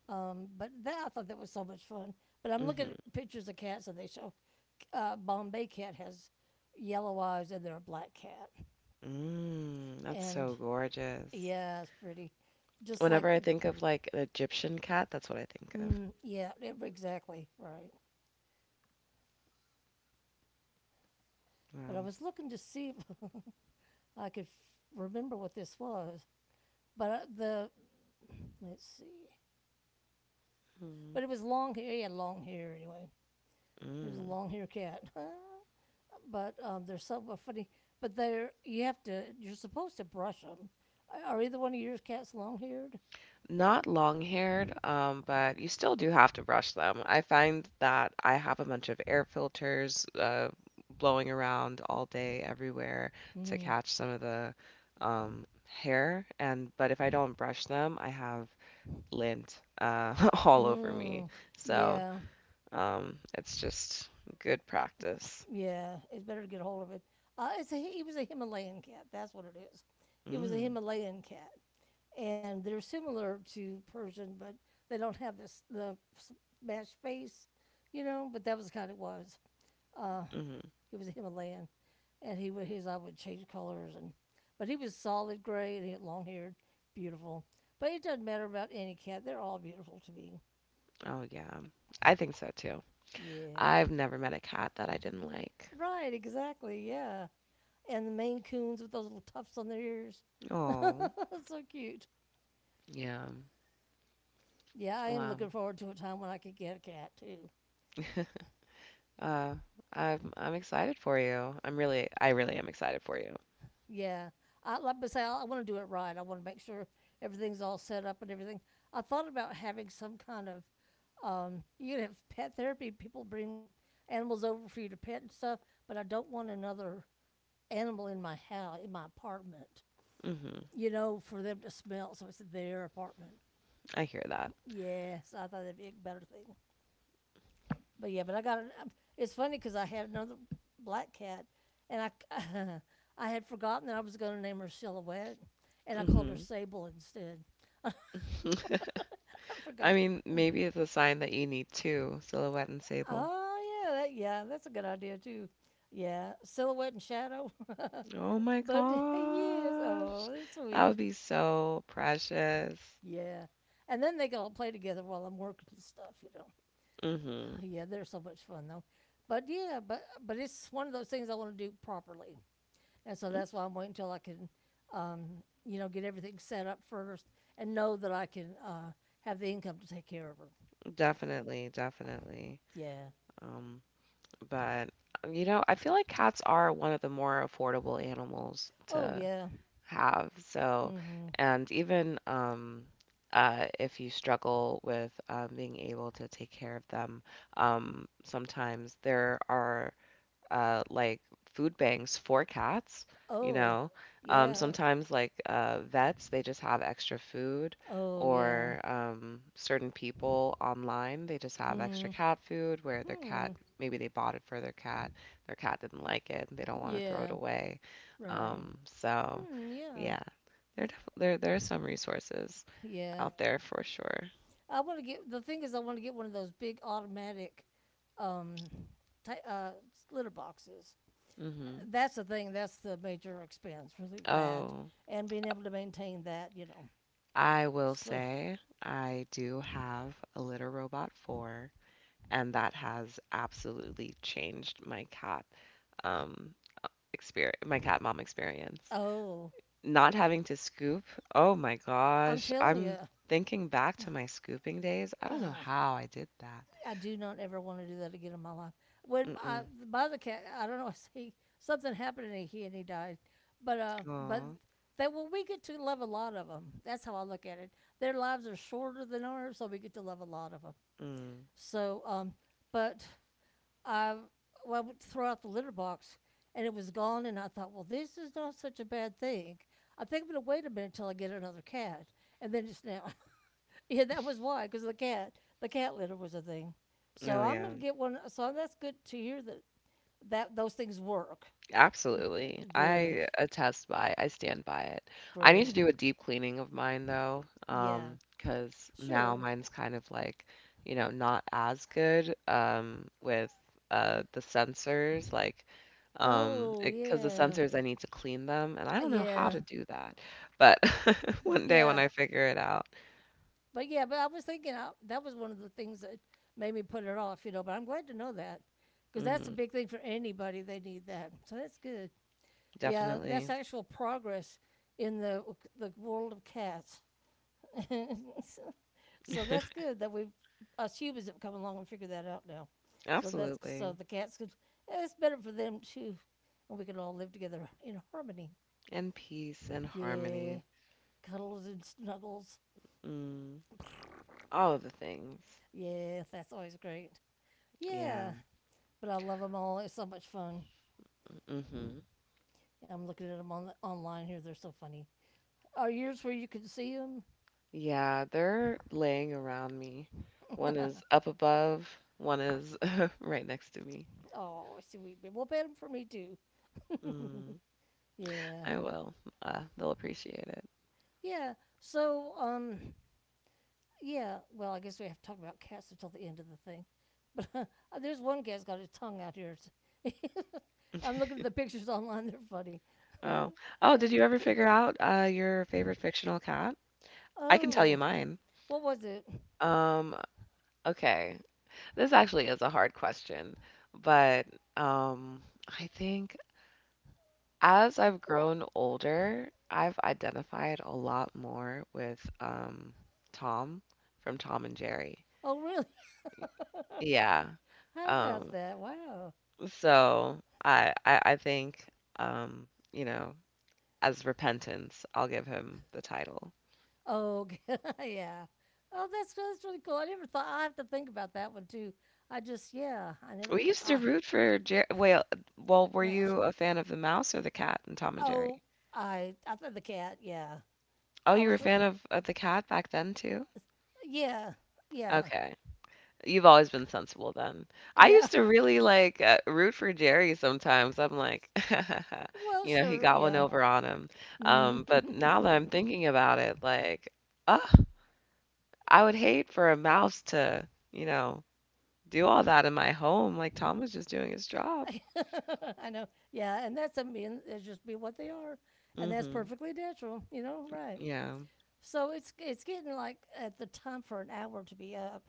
But that I thought that was so much fun. But I'm looking
mhm.
at pictures of cats, and they show Bombay cat has yellow eyes, and they're a black cat,
Mm, that's
and
so gorgeous.
yeah, it's pretty, just like
Whenever I think
the
of, like, an Egyptian cat, that's what I think of.
yeah, exactly right. But I
Um,
was looking to see if I could remember what this was. But the let's see,
mm,
but it was long hair. He had long hair anyway. He was a
mm.
long hair cat. But there's something funny. But there you have to. You're supposed to brush them. Are either one of your cats long haired?
Not long-haired, but you still do have to brush them. I find that I have a bunch of air filters blowing around all day everywhere to
Mm.
catch some of the hair. And but if I don't brush them, I have lint all over me.
Mm.
So
Yeah.
it's just good practice.
Yeah. It's better to get a hold of it. He was a Himalayan cat. That's what it is. He was a
Mm,
Himalayan cat, and they're similar to Persian, but they don't have this the smashed face. But that was kind of was. Uh,
hmm.
he was a Himalayan, and he would his eye would change colors, and but he was solid gray and he had long hair, beautiful. But it doesn't matter about any cat; they're all beautiful to me.
Oh yeah, I think so too.
Yeah,
I've never met a cat that I didn't like.
right, exactly, yeah. And the Maine Coons with those little tufts on their ears,
Oh
that's so cute.
yeah,
Yeah, I am
wow.
looking forward to a time when I could get a cat too.
Uh, I'm excited for you. I really am excited for you.
Yeah, I like I say, I want to do it right. I want to make sure everything's all set up and everything. I thought about having some kind of. You can have pet therapy. People bring animals over for you to pet and stuff, but I don't want another animal in my house, in my apartment,
Mhm.
for them to smell. So it's their apartment.
I hear that.
Yes, I thought that'd be a better thing. But yeah, but I got an. It's funny because I had another black cat, and I, I had forgotten that I was going to name her Silhouette, and I called her
Mhm.
Sable instead. I
I
forgot.
mean, maybe it's a sign that you need two, Silhouette and Sable.
Oh yeah, yeah, that's a good idea too. Yeah, Silhouette and Shadow. But
Oh my
yes. Oh,
gosh.
they're
That
sweet.
would be so precious.
Yeah, and then they can all play together while I'm working and stuff. You know.
Mhm.
Yeah, they're so much fun though. But yeah, but it's one of those things I want to do properly, and so
Mm,
that's why I'm waiting until I can, um, get everything set up first and know that I can have the income to take care of her.
definitely, definitely.
Yeah.
Um, but you know, I feel like cats are one of the more affordable animals
Oh
to
yeah.
have. So,
Mhm.
and even if you struggle with being able to take care of them, sometimes there are like food banks for cats, you
Oh
know.
yeah.
Sometimes like vets, they just have extra food,
Oh yeah.
or certain people online, they just have extra
Mm,
cat food where their cat,
hmm.
maybe they bought it for their cat didn't like it, they don't want to throw it
Yeah.
away.
Right.
So
Hmm. Yeah.
yeah, there def- there are some resources
Yeah.
out there for sure.
I want to get the thing is I want to get one of those big automatic, um, ti litter boxes.
hmm
That's the thing. That's the major expense for that,
Oh,
and being able to maintain that. You know.
I will
So.
say I do have a Litter Robot 4, and that has absolutely changed my cat um experience, my cat mom experience.
Oh,
Not having to scoop, oh my
I'm
gosh,
telling
I'm
you.
thinking back to my scooping days, I don't know how I did that.
I do not ever want to do that again in my life. When my
Mm-mm.
my other cat, I don't know, I see something happened and he died, but but
Oh.
they well, we get to love a lot of them. That's how I look at it. Their lives are shorter than ours, so we get to love a lot of them.
Mm.
So but I well, I went throw out the litter box and it was gone, and I thought, well, this is not such a bad thing. I think I'm gonna wait a minute until I get another cat, and then it's now. Yeah, that was why, because the cat litter was a thing. So
Oh
I'm
yeah,
gonna get one. So that's good to hear that those things work.
absolutely.
Good,
I stand by it. I need
great.
to do a deep cleaning of mine though,
Yeah,
because now
sure.
mine's kind of like, you know, not as good with the sensors, like,
Oh
because the
yeah,
sensors, I need to clean them and I don't know how
yeah,
to do that. But one day when
yeah.
I figure it out.
But yeah, but I was thinking that was one of the things that made me put it off, you know. But I'm glad to know that because that's a
Hmm
big thing for anybody. They need that, so that's good. Yeah,
Definitely.
that's actual progress in the world of cats. So that's good that us humans have come along and figured that out now. So that's so
Absolutely.
the cats could. It's better for them too, and we can all live together in harmony.
And peace and
Yeah,
harmony.
cuddles and snuggles.
Mm, all of the things.
Yeah, that's always great.
Yeah.
Yeah, but I love them all. It's so much fun.
hmm
I'm looking at them on online here. They're so funny. Are yours where you can see them?
Yeah, they're laying around me. One is up above, one is right next to me.
Oh, sweet baby. Well, bet them for me too.
Mm,
Yeah,
I will. They'll appreciate it.
yeah. So, yeah, well, I guess we have to talk about cats until the end of the thing. But there's one cat's got his tongue out here. I'm looking at the pictures online; they're funny.
Oh, oh,
Uh,
did you ever
ca-
figure out your favorite fictional cat? I can tell you
oh,
mine.
what was it?
Um, okay. This actually is a hard question, but um, I think as I've grown older, I've identified a lot more with Tom from Tom and Jerry.
Oh, really?
Yeah.
How about
Um,
that? Wow.
so I think um, you know, as repentance, I'll give him the title.
Oh, yeah. Oh, that's really cool. I never thought. I have to think about that one too. I just yeah. I
We
never.
used
I,
to root for Jerry. Well, well, were you a fan of the mouse or the cat in Tom and
oh,
Jerry?
I thought the cat. Yeah.
Oh,
I
you were a
was.
fan of the cat back then too?
Yeah. Yeah.
Okay. You've always been sensible then. I
Yeah.
used to really like root for Jerry sometimes. I'm like,
Well,
you know, he
sure,
got one
yeah.
over on him.
Mm.
But now that I'm thinking about it, like, oh. I would hate for a mouse to, you know, do all that in my home, like, Tom was just doing his job.
I I know. Yeah, and that's I mean, it's just be what they are, and that's
Mhm.
perfectly natural, you know, right?
Yeah.
So it's getting like at the time for an hour to be up.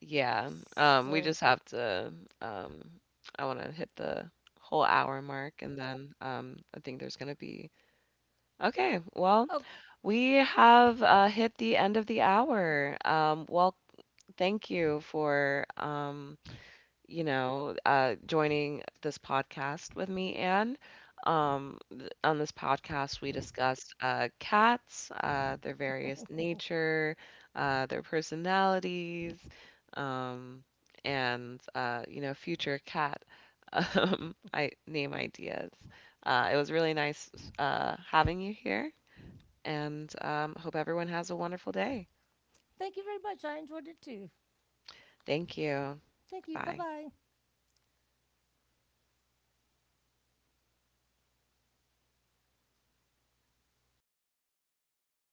Yeah. We
So,
just have to, um I wanna hit the whole hour mark, and then, I think there's gonna be okay, well,
oh,
we have, hit the end of the hour. Well, thank you for, you know, joining this podcast with me, Anne. On this podcast, we discussed cats, their various nature, their personalities, um, and you know, future cat I name ideas. It was really nice having you here, and hope everyone has a wonderful day.
thank you very much. I enjoyed it too.
Thank you.
Thank you. Bye
Bye.
bye.